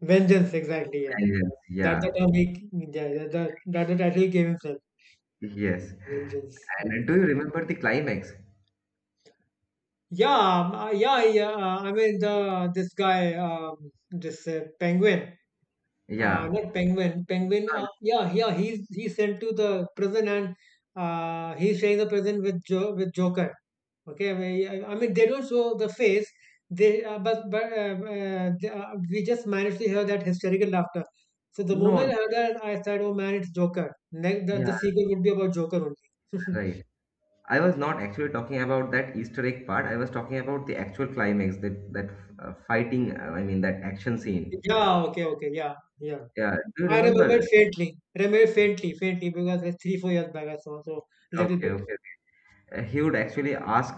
Vengeance. Exactly. Yeah. Vengeance, That's yeah, the term he, yeah, that, that, that the title he gave himself. yes. Vengeance. Yeah. And do you remember the climax? Yeah, um, uh, yeah, yeah. uh, I mean, the this guy, um, this uh, penguin. Uh, Yeah, Not Penguin. Penguin. Uh, Uh, yeah, yeah. He's he's sent to the prison, and uh, he's sharing the prison with jo- with Joker. Okay. I mean, I I mean, they don't show the face. They uh, but but uh, uh, they, uh, we just managed to hear that hysterical laughter. So the moment no, I heard that, I said, "Oh man, it's Joker." Next, the, the yeah, sequel would be about Joker only. [laughs] right. I was not actually talking about that Easter egg part. I was talking about the actual climax, that that uh, fighting, uh, I mean that action scene. Yeah. Okay. Okay. Yeah. Yeah. Yeah, do you I remember remember? faintly. Remember faintly, faintly, because it's three four years back. I saw so, little Okay, bit. okay. Uh, He would actually ask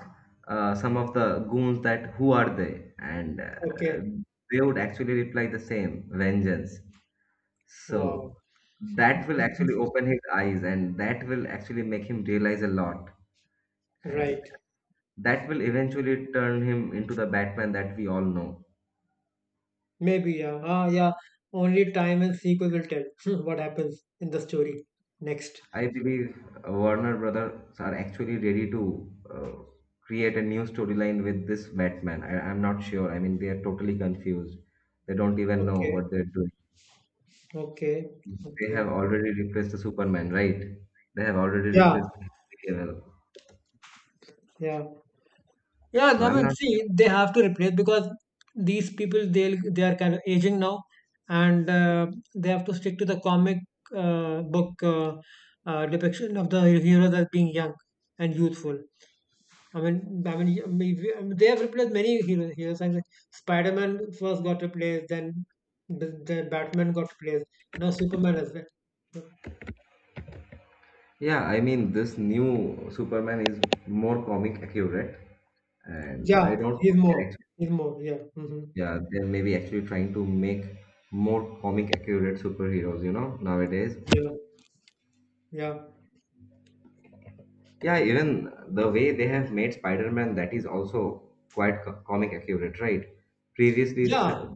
uh, some of the goons that who are they, and uh, Okay. they would actually reply the same, vengeance. Wow. So that will actually open his eyes, and that will actually make him realize a lot. And Right. that will eventually turn him into the Batman that we all know. Maybe, yeah. Ah, yeah. Only time and sequel will tell [laughs] what happens in the story next. I believe uh, Warner Brothers are actually ready to uh, create a new storyline with this Batman. I, I'm not sure. I mean, they are totally confused. They don't even know Okay, what they're doing. okay, They okay. have already replaced the Superman, right? They have already Yeah, replaced Henry Cavill. yeah, yeah. So I I'm mean, not. see, they have to replace because these people they they are kind of aging now, and uh, they have to stick to the comic uh, book uh, uh, depiction of the heroes as being young and youthful. I mean, I mean, I mean, we- I mean, they have replaced many hero- heroes. Like Spider-Man first got replaced, then the, the Batman got replaced. Now Superman as well. Yeah, I mean, this new Superman is more comic accurate, and I Yeah, don't think he's they're more. actually. He's more. Yeah. Hmm. Yeah, they are maybe actually trying to make more comic accurate superheroes, you know, nowadays. Yeah. Yeah. Yeah, even the way they have made Spider-Man, that is also quite co- comic accurate, right? Previously, s- Yeah.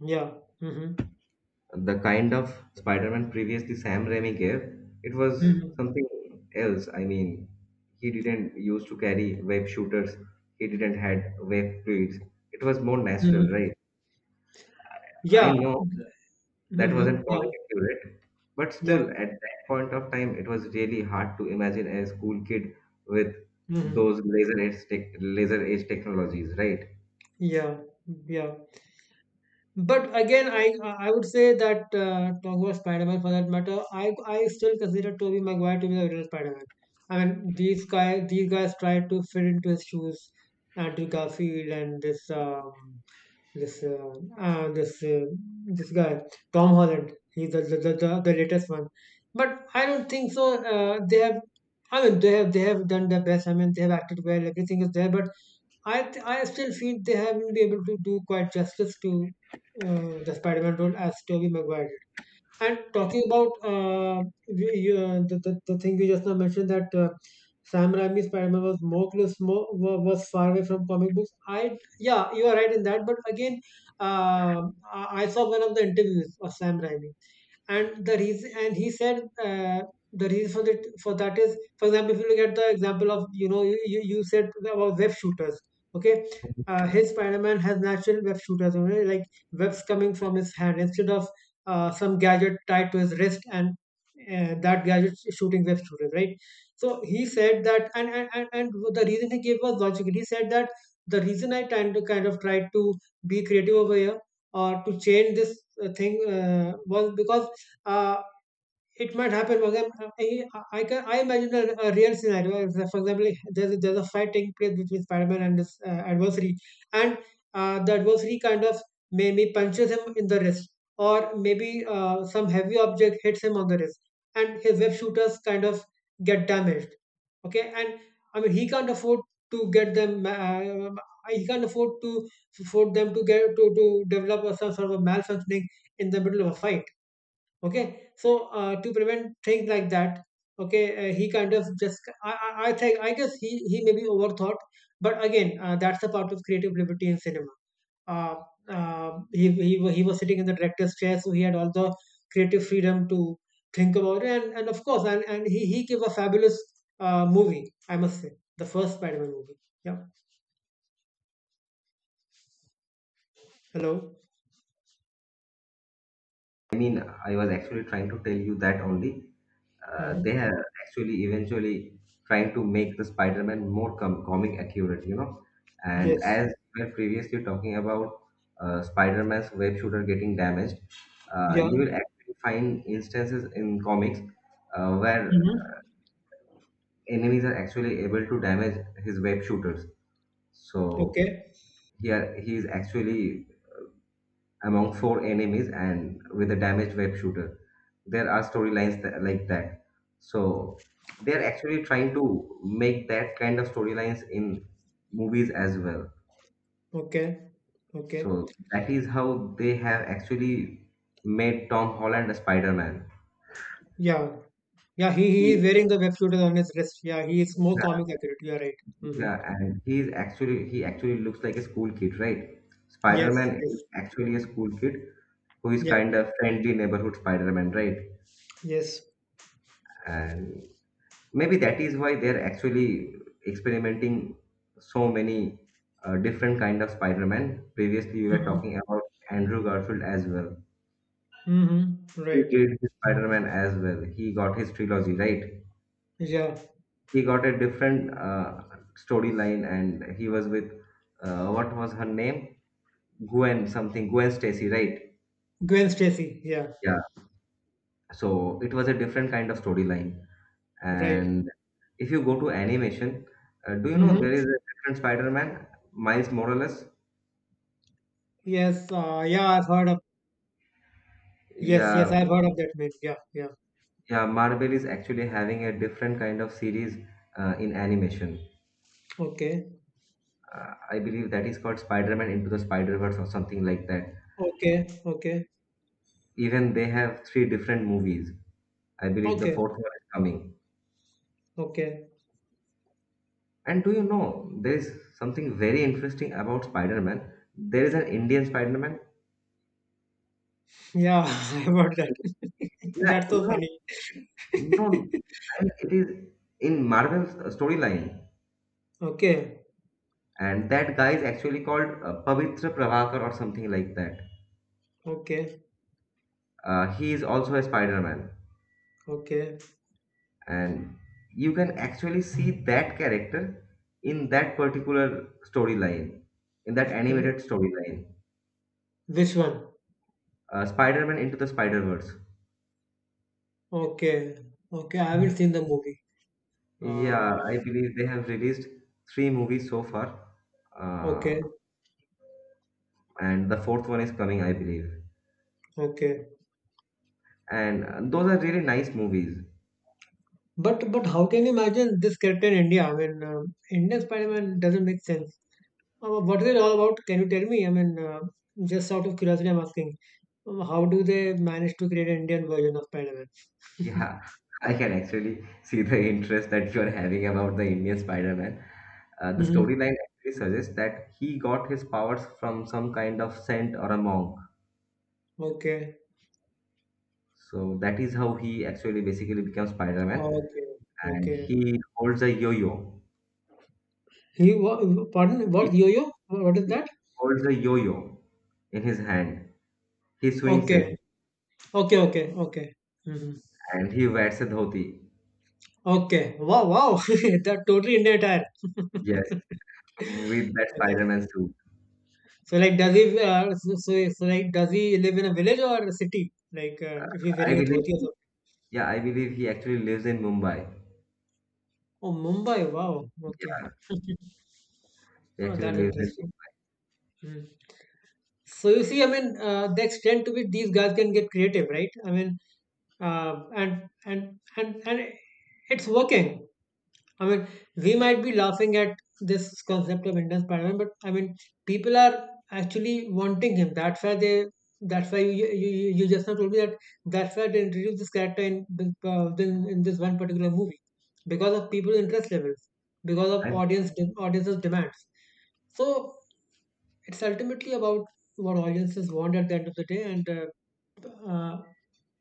Yeah. Hmm. the kind of Spider-Man previously Sam Raimi gave, it was Hmm. something else. I mean, he didn't used to carry web shooters. He didn't had web fluids. It was more natural, Hmm. right? I Yeah. know that Hmm. wasn't calling Yeah. it accurate, but Yeah. still, at that point of time, it was really hard to imagine a school kid with Hmm. those laser edge tech, laser edge technologies, right? Yeah. Yeah. But again, I I would say that, uh, talk about Spider-Man for that matter. I I still consider Tobey Maguire to be the original Spider-Man. I mean, these guys these guys tried to fit into his shoes, Andrew Garfield, and this um, this uh, uh, this uh, this guy Tom Holland. He's the the, the, the the latest one, but I don't think so. Uh, they have. I mean, they have they have done their best. I mean, they have acted well. Everything is there, but I th- I still feel they haven't been able to do quite justice to uh, the Spider-Man role as Tobey Maguire. And talking about uh, y- y- uh, the, the, the thing you just now mentioned that uh, Sam Raimi's Spider-Man was more close, more wa- was far away from comic books. I yeah, you are right in that. But again, uh, I I saw one of the interviews of Sam Raimi, and the reason and he said, uh, the reason for that for that is, for example, if you look at the example of, you know, you, you you said about web shooters. Okay. Uh, his Spider-Man has natural web shooters, you know, like webs coming from his hand instead of uh, some gadget tied to his wrist, and uh, that gadget shooting web shooters, right? So he said that, and and, and and the reason he gave was logical. He said that the reason I tried to kind of tried to be creative over here or to change this uh, thing uh, was because uh, it might happen. For example, I, I can, I imagine a, a real scenario. For example, there's a, there's a fight taking place between Spider-Man and his uh, adversary, and uh, the adversary kind of maybe punches him in the wrist, or maybe uh, some heavy object hits him on the wrist, and his web shooters kind of get damaged. Okay, and I mean he can't afford to get them. Uh, he can't afford to afford them to get to to develop a, some sort of malfunctioning in the middle of a fight. Okay, so uh, to prevent things like that. Okay, uh, he kind of just, I, I i think, I guess he he may be overthought. But again, uh, that's a part of creative liberty in cinema. uh, uh, he, he wa- he was sitting in the director's chair, so he had all the creative freedom to think about it. And, and of course, and, and he he gave a fabulous uh, movie, I must say, the first Spider-Man movie. Yeah. Hello. I mean, I was actually trying to tell you that only uh, Hmm. they are actually eventually trying to make the Spider-Man more com- comic accurate, you know. And Yes. as we were previously talking about uh, Spider-Man's web shooter getting damaged, uh, Yeah. you will actually find instances in comics uh, where Hmm. enemies are actually able to damage his web shooters. So Okay. here he is actually among four enemies and with a damaged web shooter. There are storylines tha- like that. So they're actually trying to make that kind of storylines in movies as well. Okay. Okay. So that is how they have actually made Tom Holland a Spider-Man. Yeah. Yeah, he, he He, is wearing the web shooters on his wrist. Yeah, he is more comic yeah, accurate. You are right. Hmm. yeah, and he is actually he actually looks like a school kid, right? Yes, Spider-Man is yes. actually a school kid who is Yeah, kind of friendly neighborhood Spider-Man, right? yes. And maybe that is why they're actually experimenting so many uh, different kind of Spider-Man. Previously, we were Mm-hmm. talking about Andrew Garfield as well. Mm-hmm. He Right. did the Spider-Man as well. He got his trilogy, right. Yeah. He got a different uh, storyline, and he was with uh, what was her name? Gwen something. Gwen Stacy, right? Gwen Stacy. Yeah. Yeah. So it was a different kind of storyline. Right. And if you go to animation, uh, do you know there Mm-hmm. is a different Spider-Man, Miles Morales? Yes. Uh, yeah, I've heard of. Yes, yes, Yeah, I've heard of that man. Yeah, yeah. yeah, Marvel is actually having a different kind of series uh, in animation. Okay. Uh, I believe that is called Spider-Man Into the Spider-Verse or something like that. Okay. Okay. Even they have three different movies. I believe the Okay. fourth one is coming. Okay. And do you know, there is something very interesting about Spider-Man. There is an Indian Spider-Man. Yeah, [laughs] I've heard that. [laughs] Yeah, That's so no, funny. no, I mean, it is in Marvel's uh, storyline. Okay. And that guy is actually called uh, Pavitra Prabhakar or something like that. Okay. Uh, he is also a Spider-Man. Okay. And you can actually see that character in that particular storyline, in that Wh- animated storyline, Which one? uh, Spider-Man Into the Spider-Verse. Okay, okay, I haven't seen the movie. Yeah, I Uh, believe they have released three movies so far, uh, okay, and the fourth one is coming, I believe. okay. And uh, those are really nice movies. But but how can you imagine this character in India? I mean, um Indian Spider-Man doesn't make sense. Uh, what is it all about? Can you tell me? I mean, uh, just out of curiosity, I'm asking. Um, how do they manage to create an Indian version of Spider-Man? Yeah, [laughs] [laughs] I can actually see the interest that you're having about the Indian Spider-Man. Uh, the Hmm. storyline actually suggests that he got his powers from some kind of saint or a monk. Okay, So that is how he actually basically becomes Spider-Man, okay, and okay. he holds a yo-yo. He, what, pardon, He what yo-yo? What is that? holds a yo-yo in his hand. He swings Okay, it, okay, okay, okay. Hmm. and he wears a dhoti. Okay. Wow, wow. [laughs] That totally India attire. Yes, [laughs] with that Okay. Spider-Man suit. So like does he, uh, so, so, so like does he live in a village or a city? Like uh, if he's I wearing a believe, dhoti or so. yeah, I believe he actually lives in Mumbai. Oh, Mumbai. Wow. Okay. Yeah, [laughs] he Oh, actually that's lives in. interesting. Hmm. So you see, I mean, uh, the extent to which these guys can get creative, right? I mean, uh, and and and and it's working. I mean, we might be laughing at this concept of Indian Spider-Man, but I mean, people are actually wanting him. That's why they. That's why you you, you you just now told me that. That's why they introduced this character in the- uh, in, in this one particular movie, because of people's interest levels, because of And audience de- audience's demands. So it's ultimately about what audiences want at the end of the day, and uh, uh,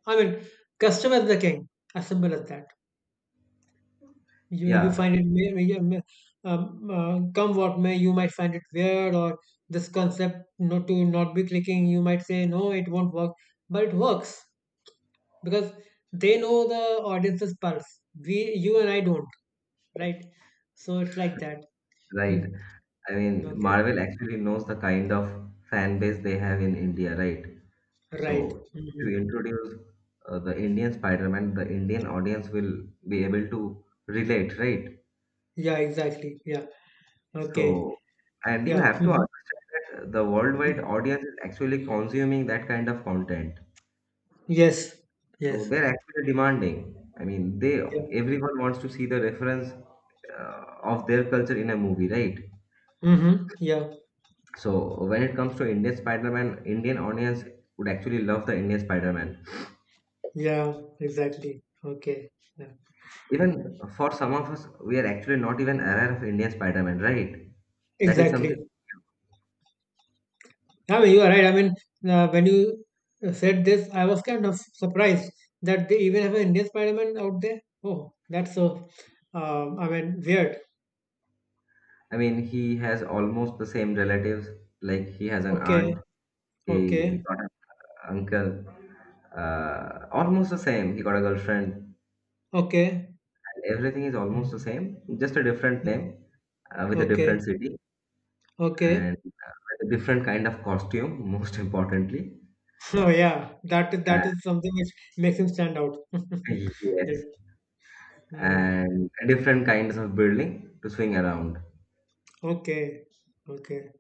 I mean, customer is the king, as simple as that. You you yeah, find it may, may, yeah, may- um, uh, come what may, you might find it weird or this concept not to not be clicking. You might say no, it won't work, but it works because they know the audience's pulse. We, you and I, don't, right? So it's like that. right. Mm. I mean, Okay, Marvel actually knows the kind of fan base they have in India, right? right. So to Hmm. introduce uh, the Indian Spider-Man, the Indian audience will be able to relate, right? Yeah, exactly. Yeah. Okay. So, and you Yeah. have to Hmm. understand that the worldwide audience is actually consuming that kind of content. Yes. So Yes. they're actually demanding. I mean, they Yeah. everyone wants to see the reference uh, of their culture in a movie, right? Mm-hmm. Yeah. So when it comes to Indian Spider-Man, Indian audience would actually love the Indian Spider-Man. Yeah. Exactly. Okay. Yeah. Mm. Even for some of us, we are actually not even aware of Indian Spider-Man, right? That is something. Exactly. I mean, you are right. I mean, uh, when you uh, said this, I was kind of surprised that they even have an Indian Spider-Man out there. Oh, that's so, um, I mean, weird. I mean, he has almost the same relatives. Like he has an aunt, Okay, he okay, got an uncle, uh, almost the same. He got a girlfriend. okay, Everything is almost the same, just a different name, uh, with a okay, different city, okay. and [laughs] uh, with a different kind of costume. Most importantly, So yeah, that that uh, is something which makes him stand out. [laughs] Yeah. yes, Mm, and different kinds of building to swing around. okay, okay.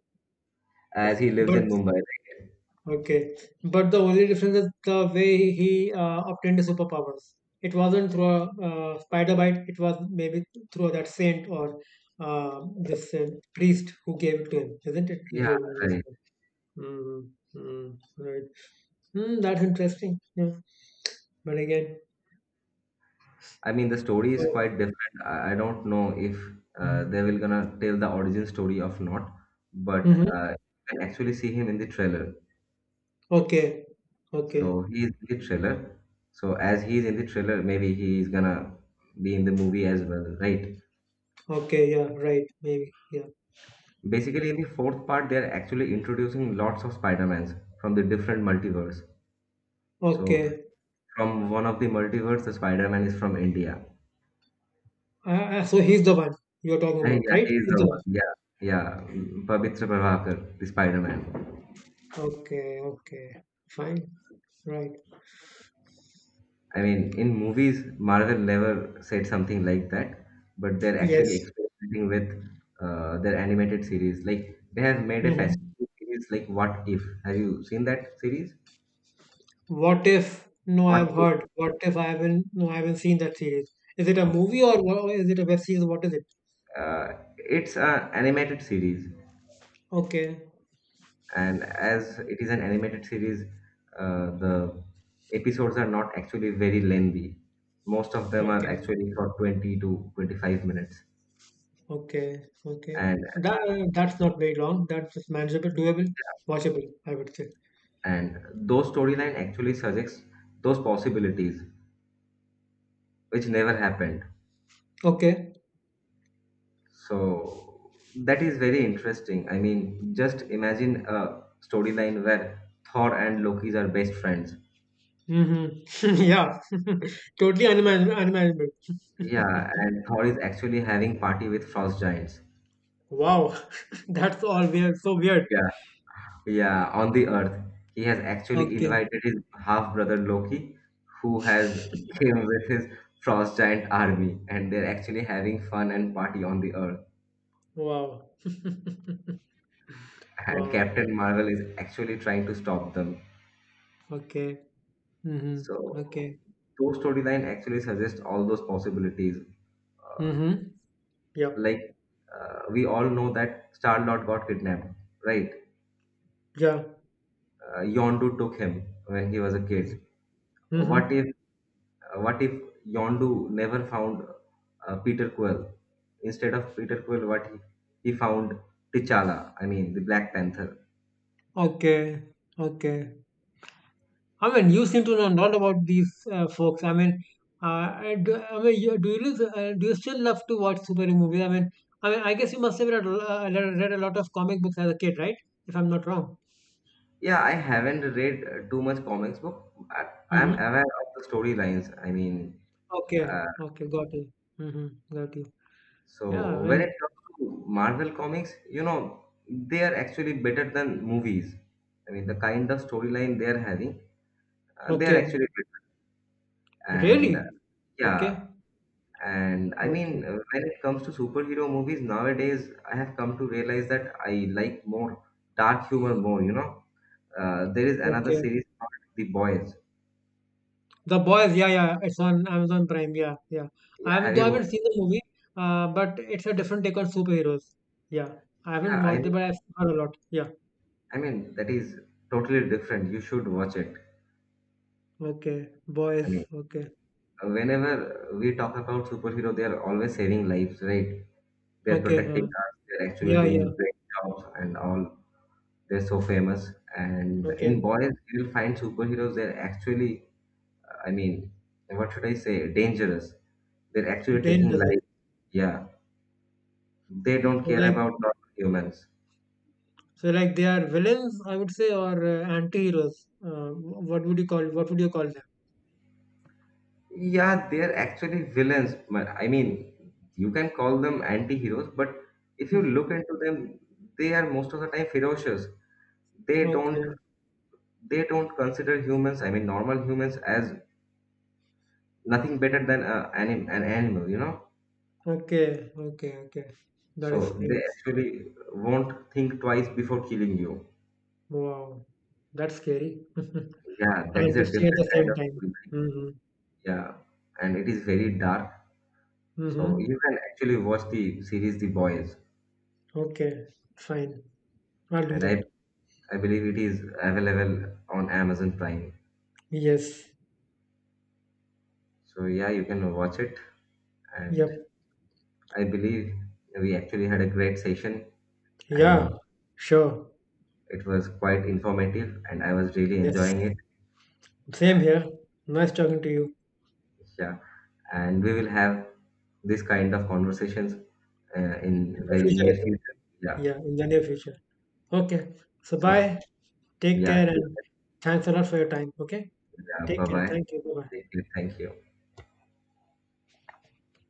As he lives But in Mumbai, right? okay, but the only difference is the way he uh, obtained the superpowers. It wasn't through a uh, spider bite. It was maybe through that saint or uh, this uh, priest who gave it to him, isn't it? He Yeah, told me just right. now. Mm, mm, right. Mm, that's interesting. Yeah. But again, I mean, the story is so. quite different. I, I don't know if uh, they will gonna tell the origin story of not, but Hmm. uh, you can actually see him in the trailer. Okay. Okay. So he is in the trailer. So as he is in the trailer, maybe he is gonna be in the movie as well, right? Okay. Yeah. Right. Maybe. Yeah. Basically, in the fourth part, they are actually introducing lots of Spider-Mans from the different multiverse. So Okay. from one of the multiverse, the Spider-Man is from India. Uh, uh, so he's the one you're talking And about, yeah, right? he is He's the one. the Yeah, yeah, Pavitra Prabhakar, the Spider-Man. okay, okay, fine, right. I mean, in movies, Marvel never said something like that, but they're actually Yes. experimenting with uh, their animated series. Like they have made a Mhm. fascinating series, like What If? Have you seen that series? What if? No, What I've If? heard. What if I haven't? No, I haven't seen that series. Is it a movie or what, is it a web series? What is it? Uh, it's an animated series, Okay, and as it is an animated series, uh, the episodes are not actually very lengthy. Most of them are okay, actually for twenty to twenty-five minutes, okay, okay. and That that's not very long. That's just manageable, doable, watchable, I would say. and those storyline actually suggests those possibilities which never happened. Okay. So that is very interesting. I mean, just imagine a storyline where Thor and Loki's are best friends. Mm-hmm. [laughs] Yeah. [laughs] Totally unimaginable. Unimaginable. Yeah, and Thor is actually having party with frost giants. Wow. [laughs] That's all weird. So weird. Yeah, yeah, on the earth. He has actually Okay. invited his half brother Loki, who has came with his frost giant army, and they're actually having fun and party on the earth. Wow. And Wow. Yeah. Captain Marvel is actually trying to stop them. Okay. Mhm. So Okay. those storyline actually suggests all those possibilities. Uh, Mhm. Yep. like uh, we all know that Star Lord got kidnapped, right? Yeah. Uh, Yondu took him when he was a kid. What Mhm. if what if Yondu never found uh, Peter Quill? Instead of Peter Quill, what he, he found T'Challa. I mean the Black Panther. Okay. Okay. I mean, you seem to know a lot about these uh, folks. I mean, uh, I do, I mean, you, do you lose, uh, do you still love to watch superhero movies? I mean, I mean, I guess you must have read, a lo- uh, read, read a lot of comic books as a kid, right? If I'm not wrong. Yeah, I haven't read uh, too much comics book. I, I'm Mm-hmm. aware of the storylines. I mean. Okay. uh, Okay. Got you. Mm-hmm. Got you. Yeah. I So when it mean. comes to Marvel comics, you know, they are actually better than movies. I mean, the kind of storyline they are having, uh, they are actually Okay. better. And uh, Really. yeah, Okay. and I Okay. mean, uh, when it comes to superhero movies nowadays, I have come to realize that I like more dark humor more. You know, uh, there is another Okay. series called The Boys. The Boys, yeah, yeah, it's on Amazon Prime. Yeah, yeah. I Yeah, have, have though I haven't you? seen the movie, uh, but it's a different take on superheroes. Yeah, I Yeah, haven't I watched it, mean, but I've heard a lot. Yeah. I mean that is totally different. You should watch it. Okay. I Boys. mean. Okay. Whenever we talk about superhero, they are always saving lives, right? They're Okay. protecting Uh, us. They're actually yeah, doing yeah. great jobs and all. They're so famous. And in Okay. Boys, you'll find superheroes. They're actually, I mean, what should I say, dangerous. They're actually taking Dangerous. Okay. life. Yeah, they don't So care like, about normal humans. so like they are villains, I would say, or uh, anti-heroes. Uh, what would you call? What would you call them? Yeah, they're actually villains, but I mean you can call them anti-heroes. But if you Hmm. look into them, they are most of the time ferocious. they don't Okay. they don't consider humans, I mean normal humans, as nothing better than a, anim, an animal you know Okay. Okay. Okay. That So they explains. actually won't think twice before killing you. Wow. That's scary. [laughs] Yeah, And that is a interesting at the different kind same of time. story. Hmm. Yeah, and it is very dark. So Mhm. you can actually watch the series The Boys. Okay, fine. I'll do And i that. i believe it is available on Amazon Prime. Yes. So yeah, you can watch it. And Yep. I believe we actually had a great session, Yeah. and Sure. it was quite informative, and I was really Yes. enjoying it. Same here. Nice talking to you. Yeah, and we will have this kind of conversations uh, In in the very future. near future. Yeah. Yeah, in the near future. Okay. So So bye. Take yeah, care, and thanks a lot for your time. Okay. yeah. Take Bye care. bye. Thank you. Bye bye. Thank you. Thank you.